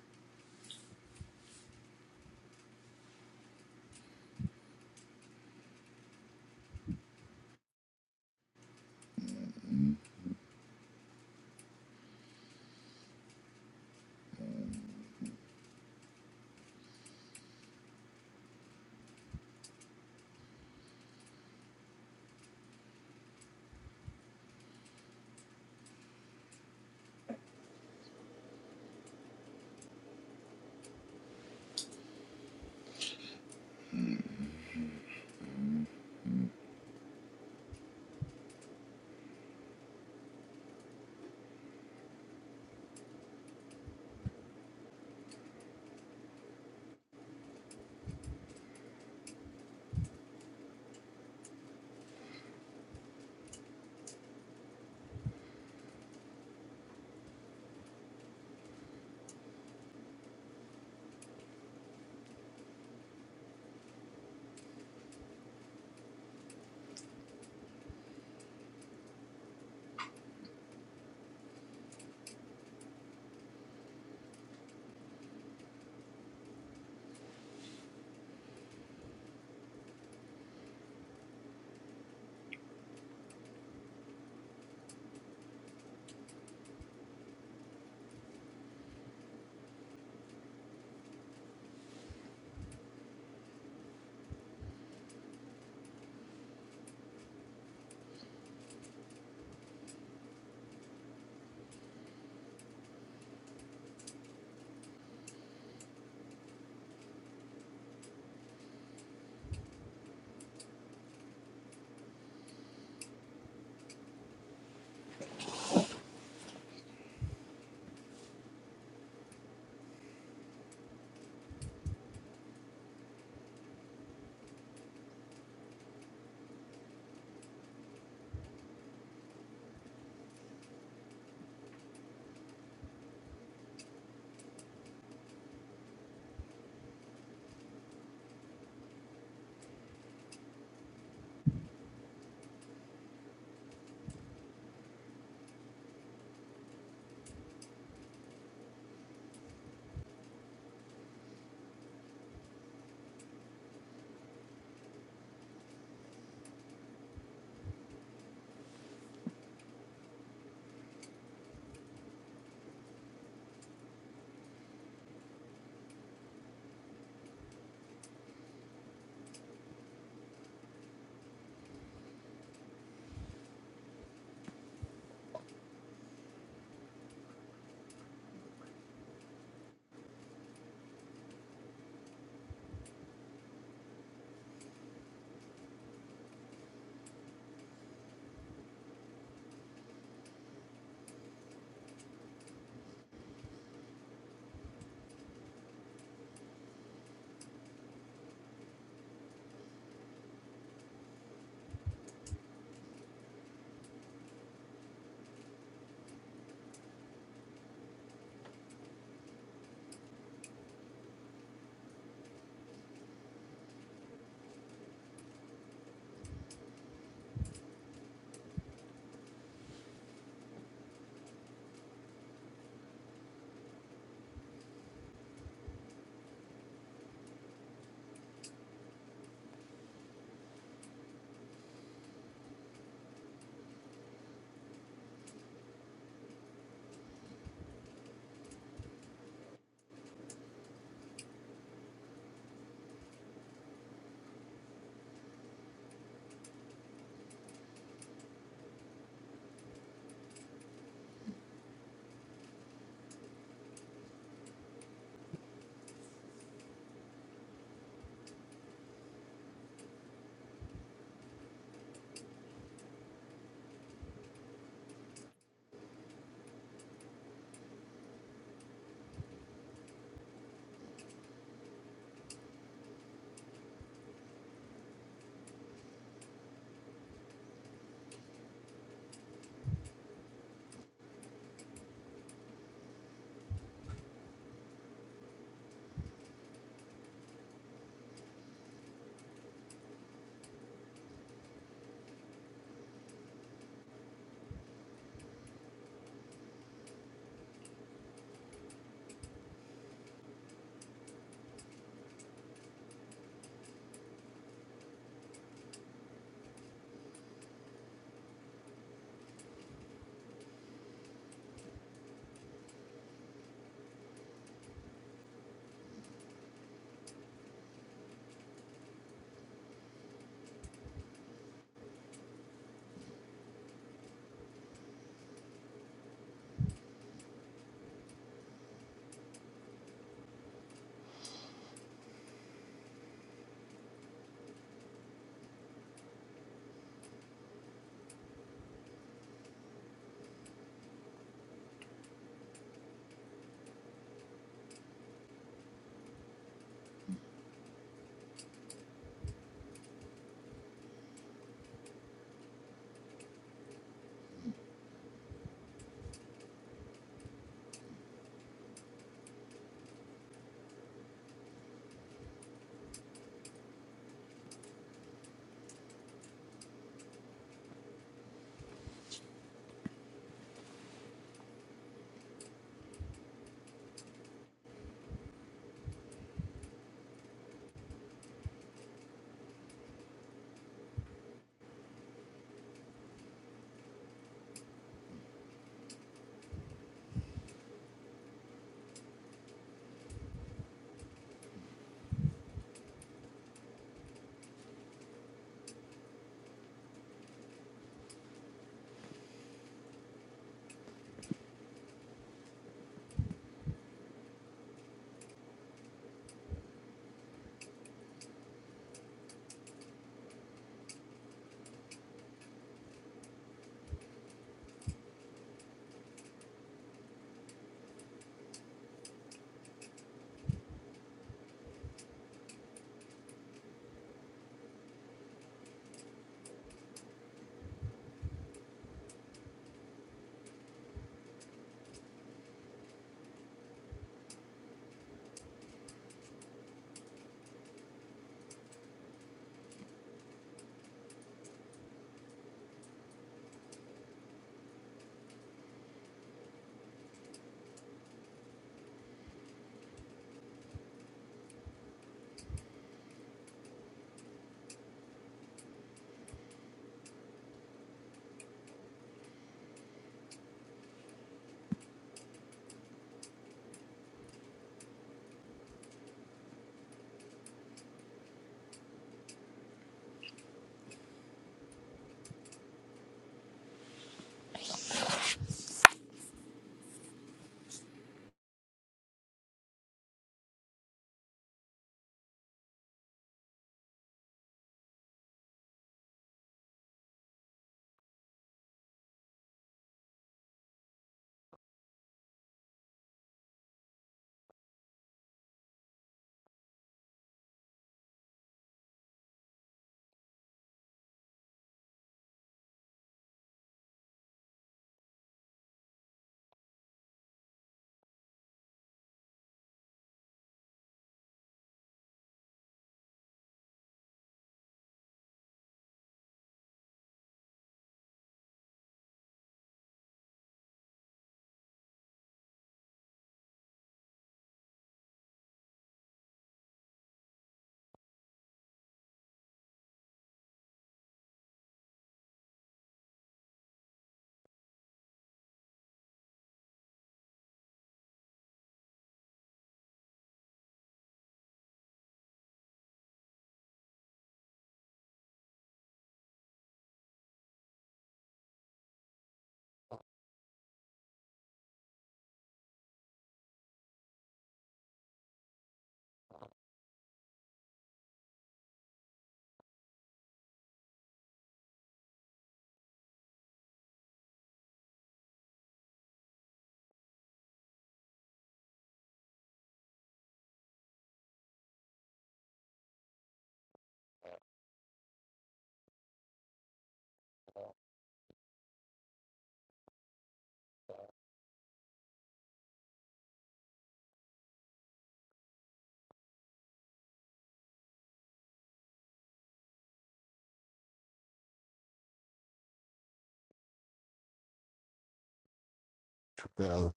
[SPEAKER 3] So,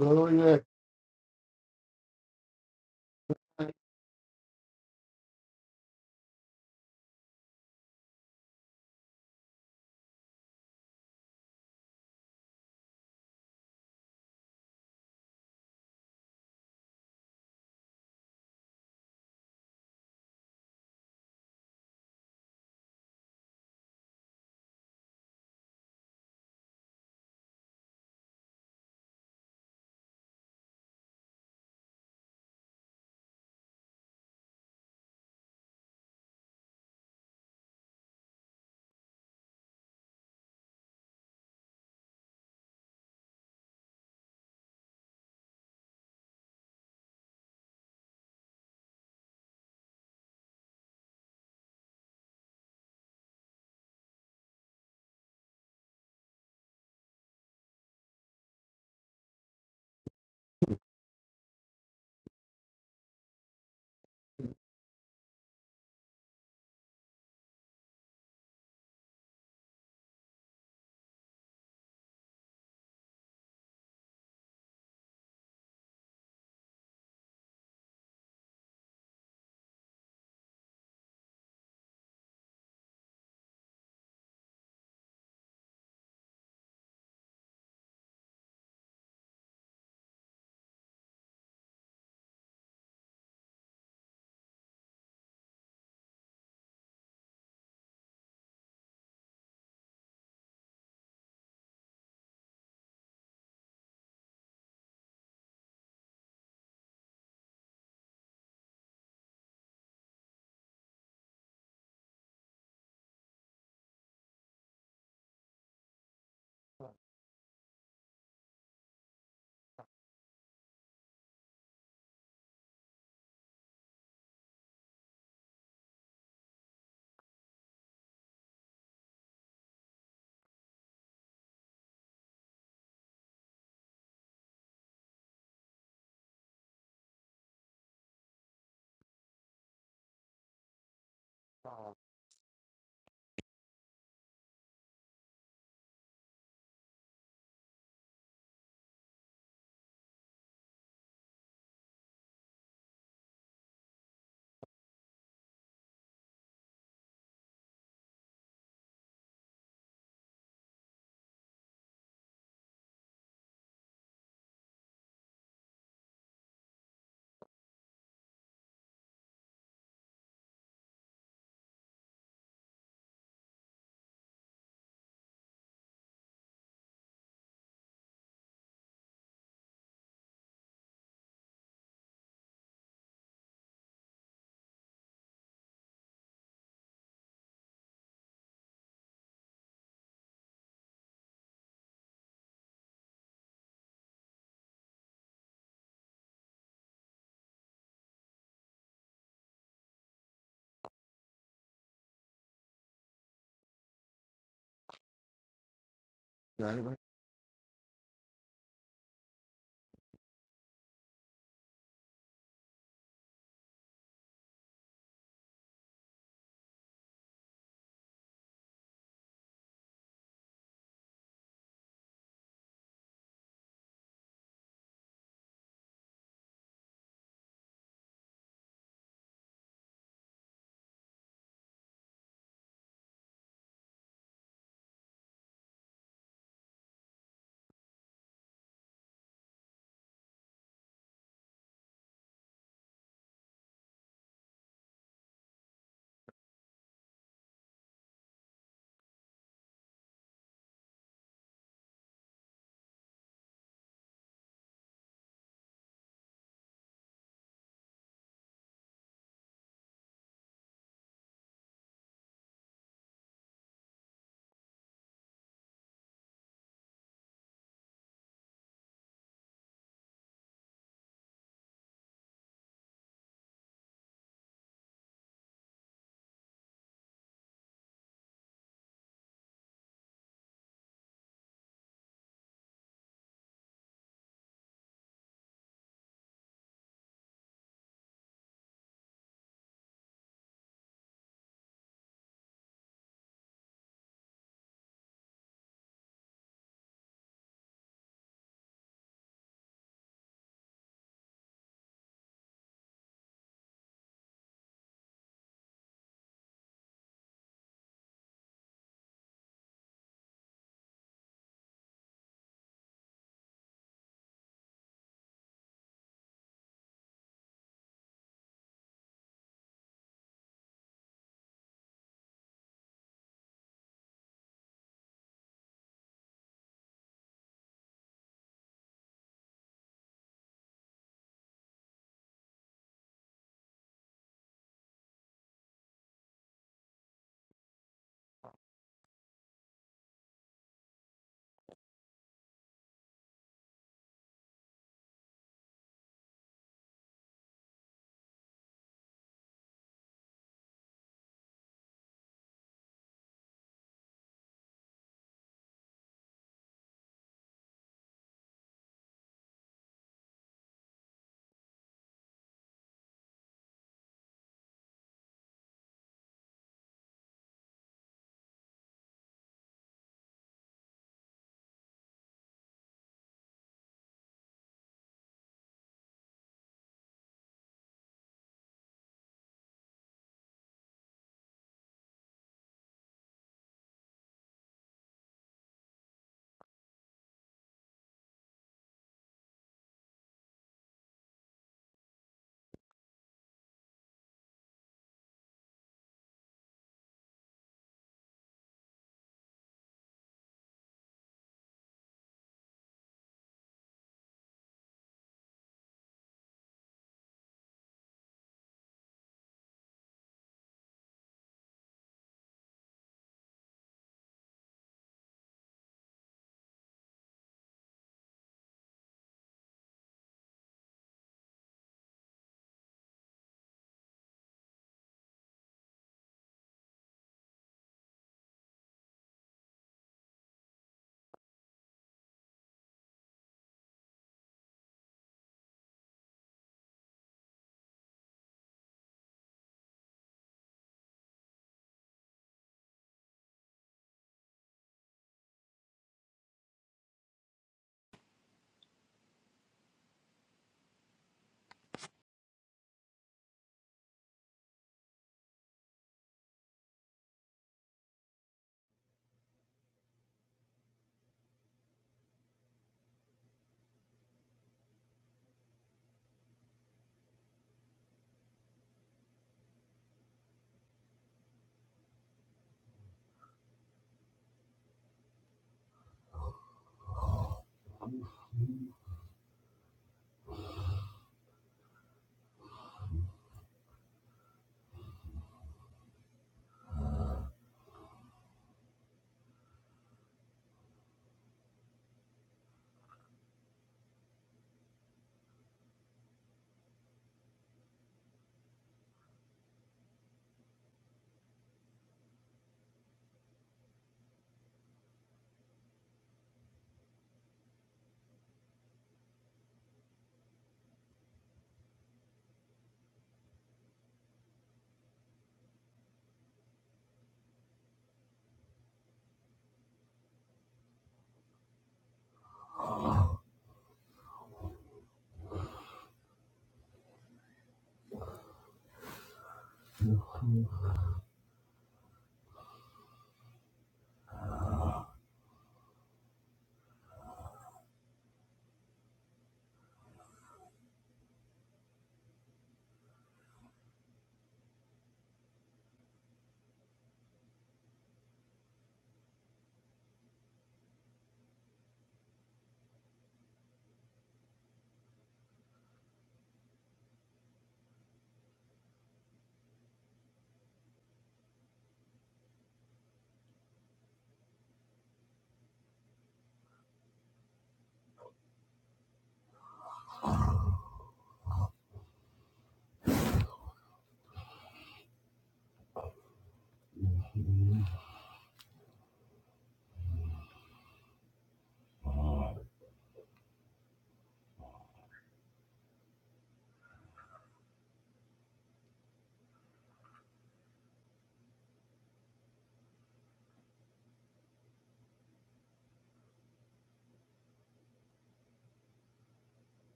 [SPEAKER 3] so, yeah.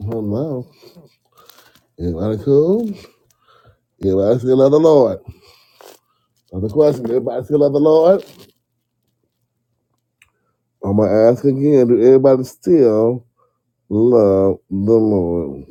[SPEAKER 3] Hello. Am I cool? Am I still of the Lord? Another question, everybody still love the Lord? I'm going to ask again, do everybody still love the Lord?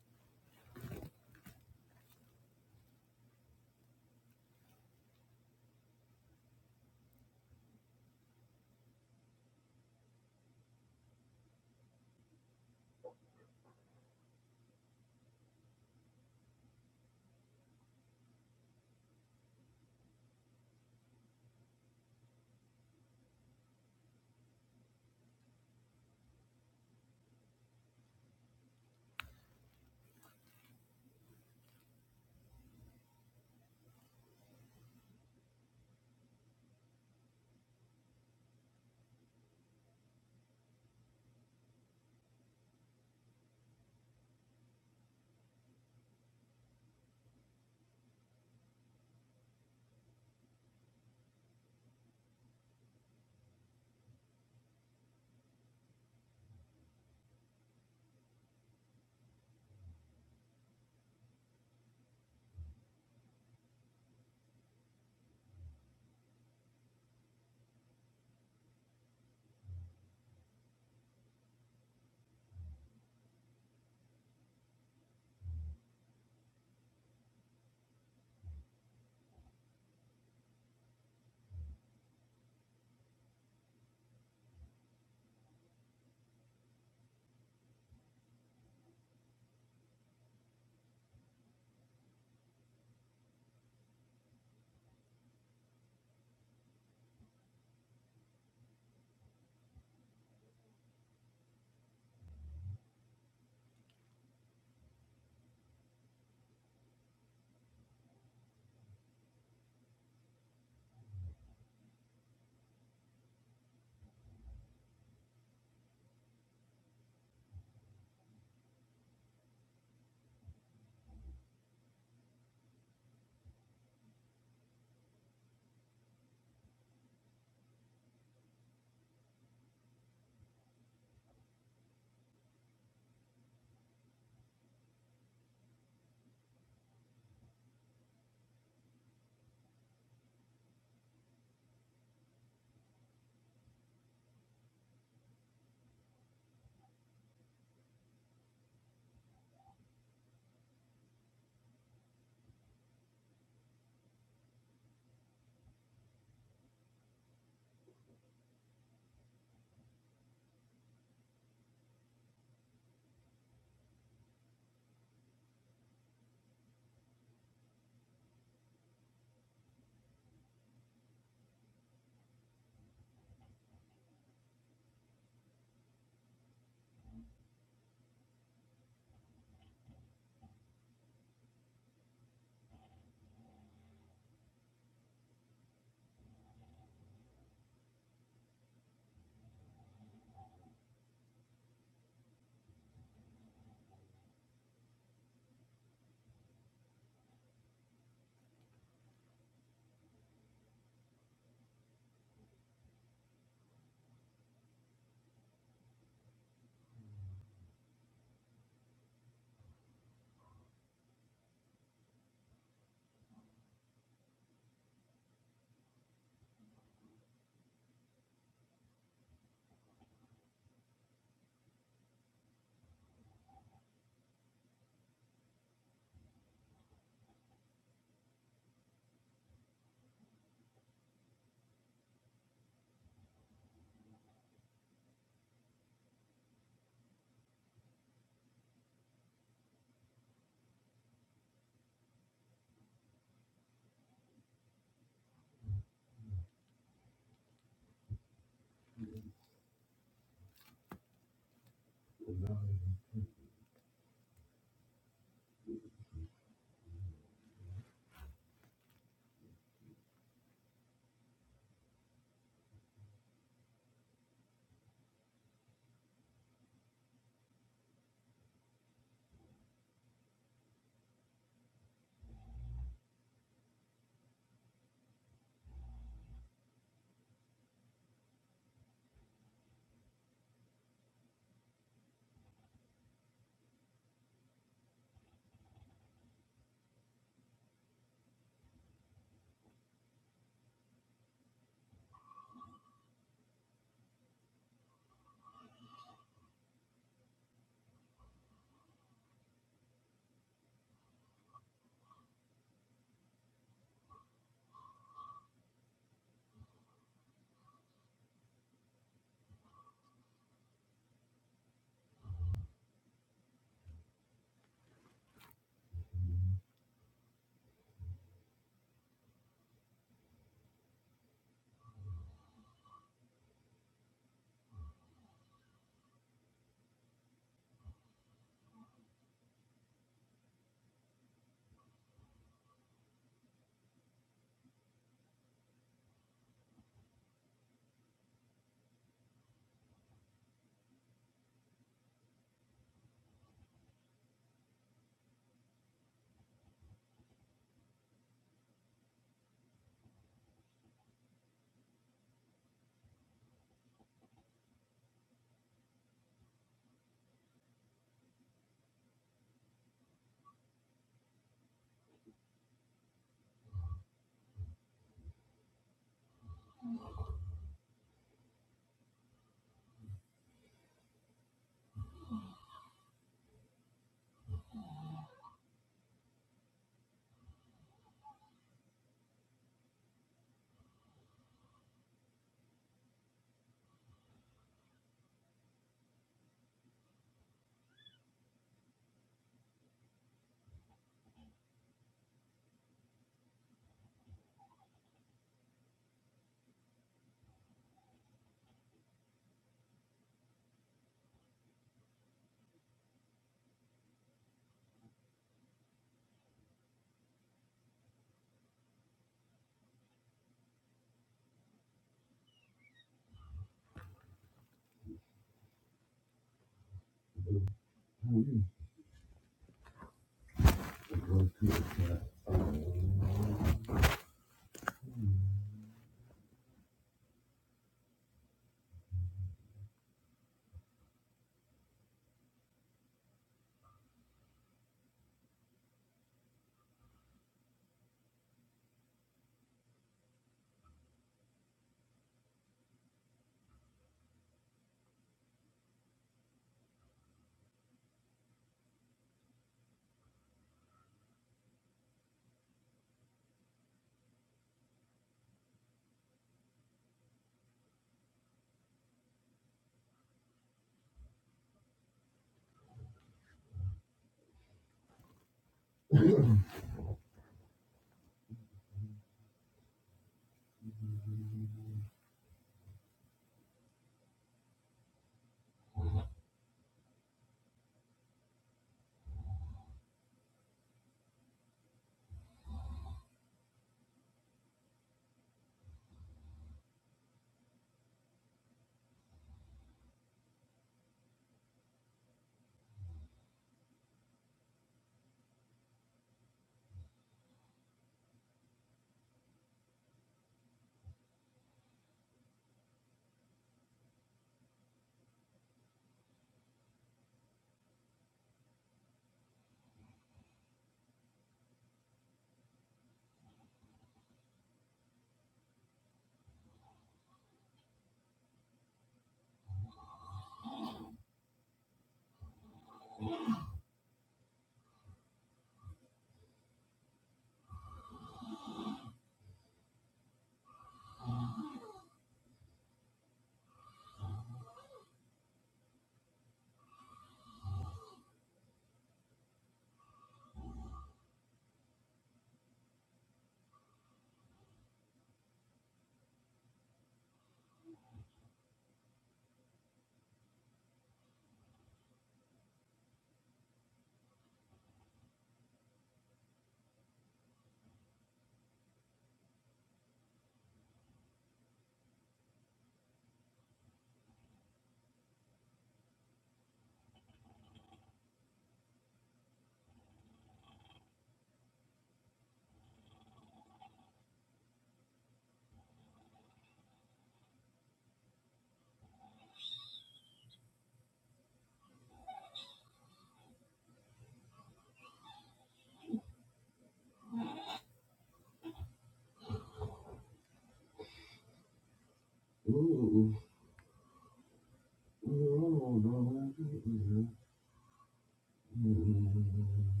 [SPEAKER 3] Mhm.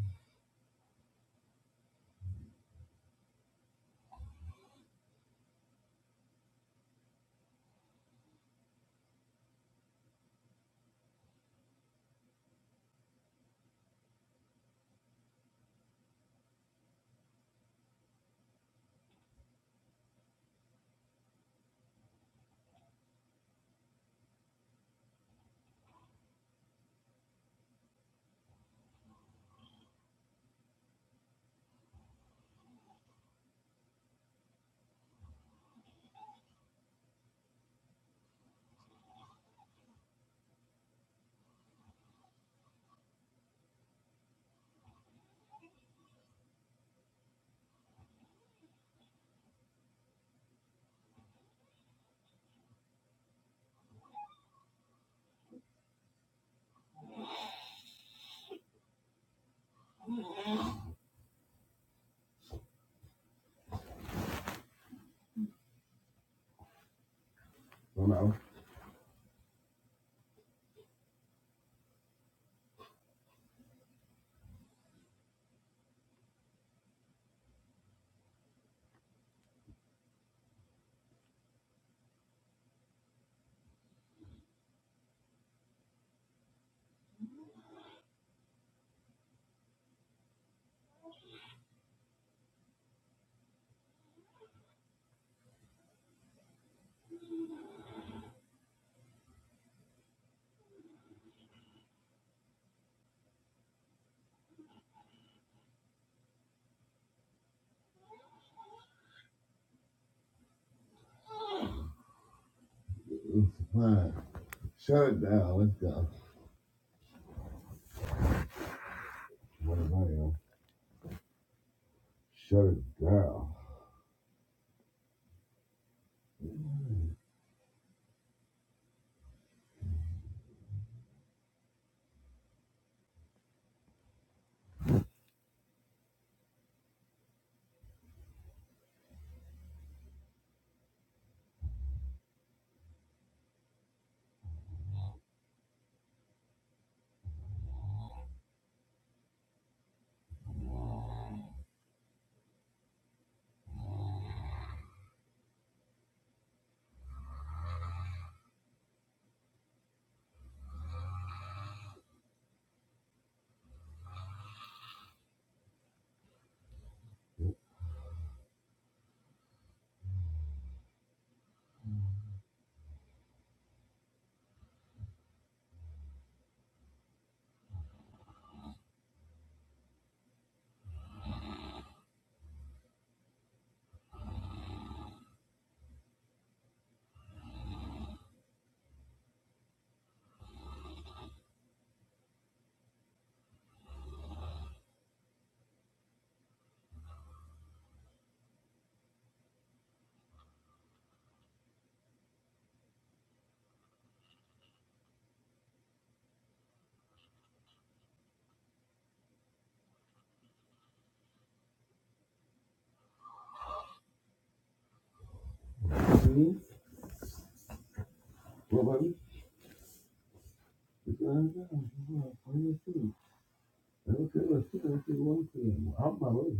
[SPEAKER 3] Well, now, fine. Shut it down. Let's go. Shut it down. Well, I this is going down. Well, I mean, too. I don't care what you think you want to. I'm my way.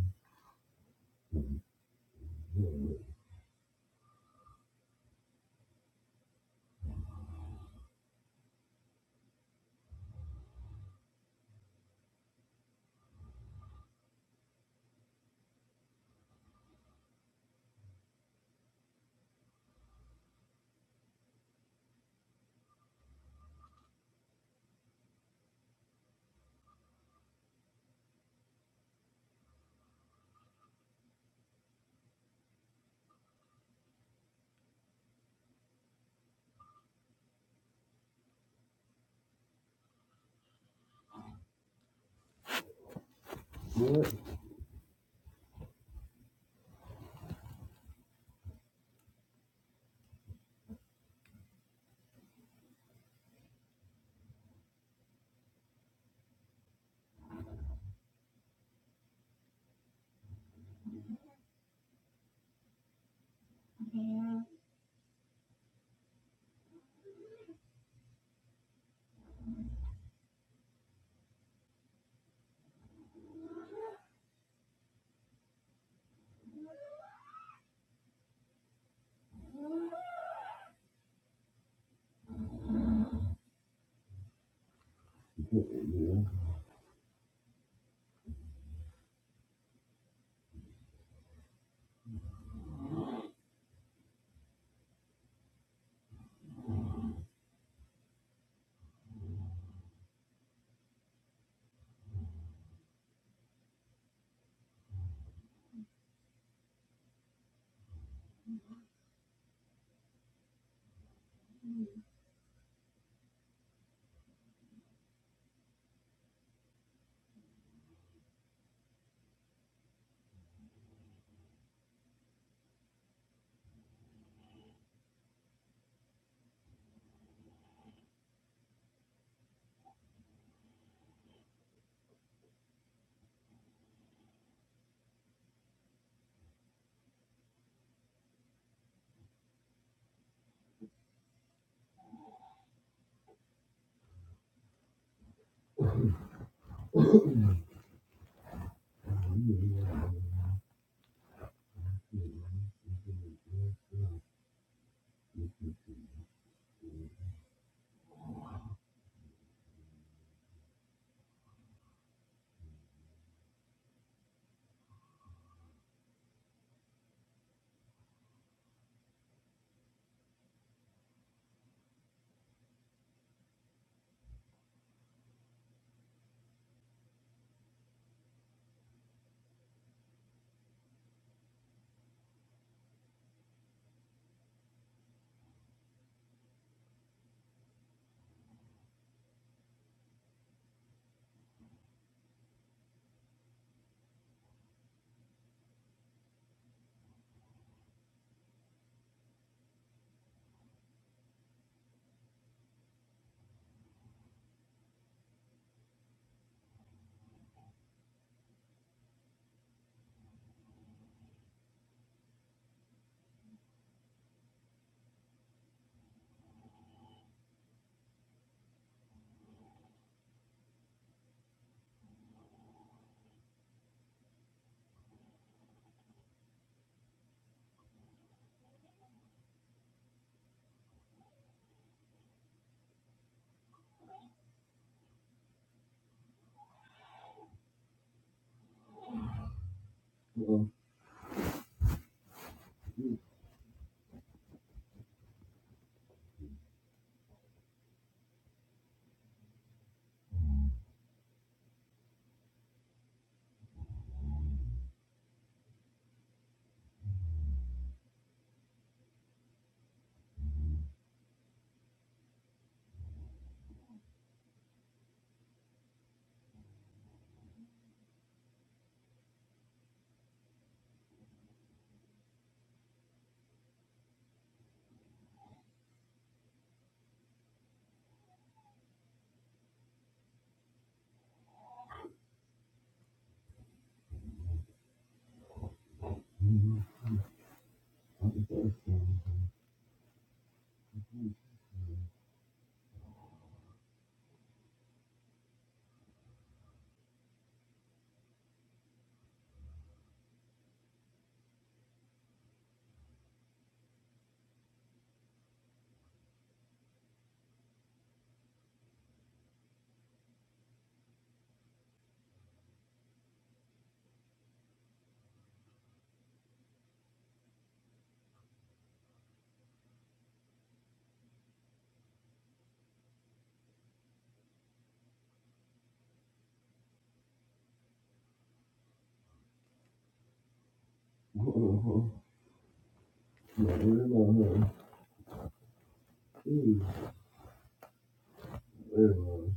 [SPEAKER 3] Well, well, well, well, well, well, well, well,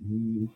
[SPEAKER 3] mm,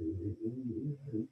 [SPEAKER 3] mm, mm, mm, mm,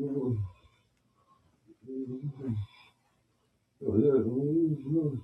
[SPEAKER 3] mm, mm, mm, mm, mm, mm, mm, mm, mm, mm, mm, mm, mm, mm, mm,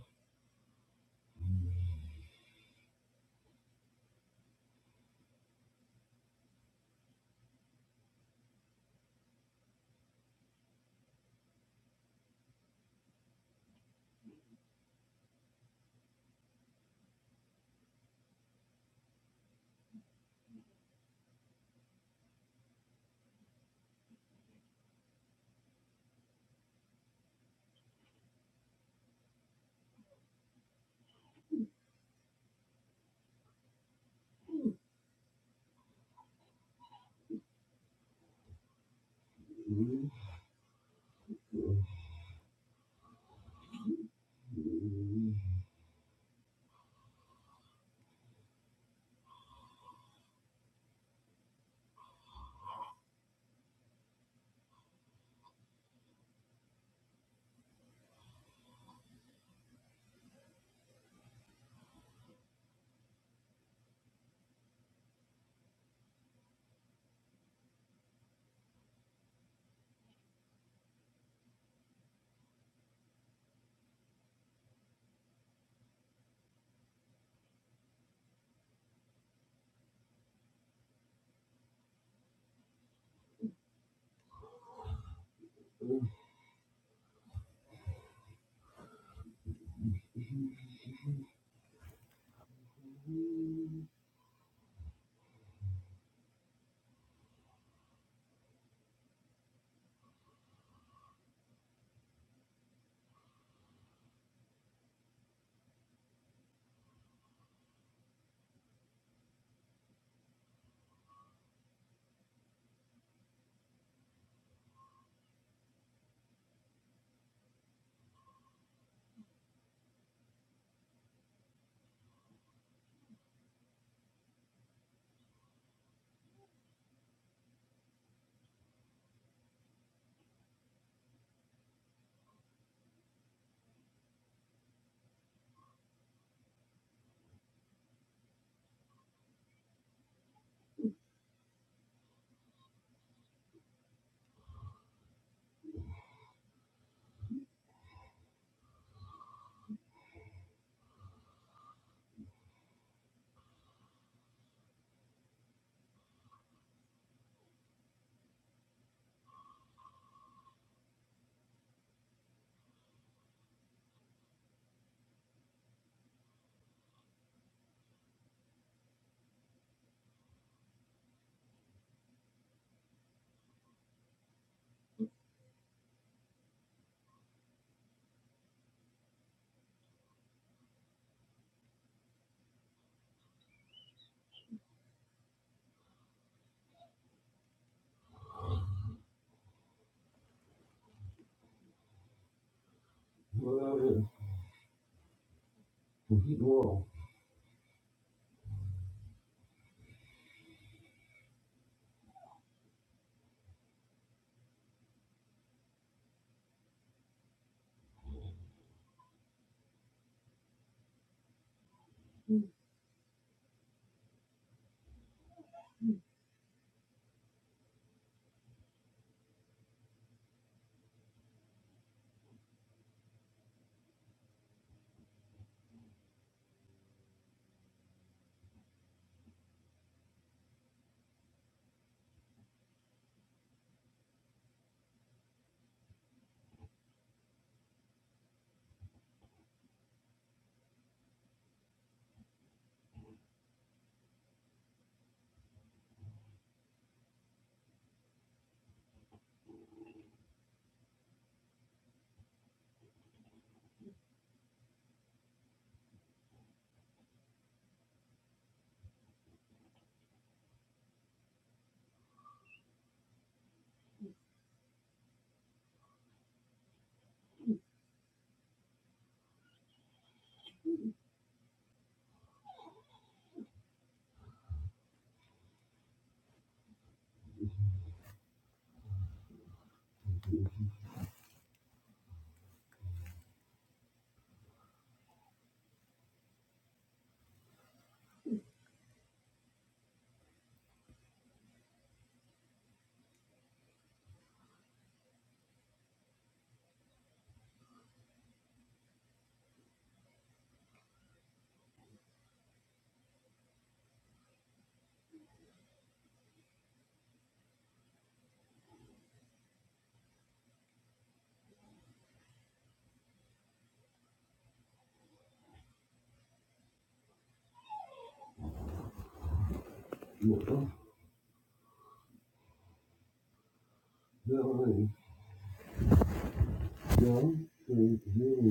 [SPEAKER 3] mm, mm, mm, mm, mm,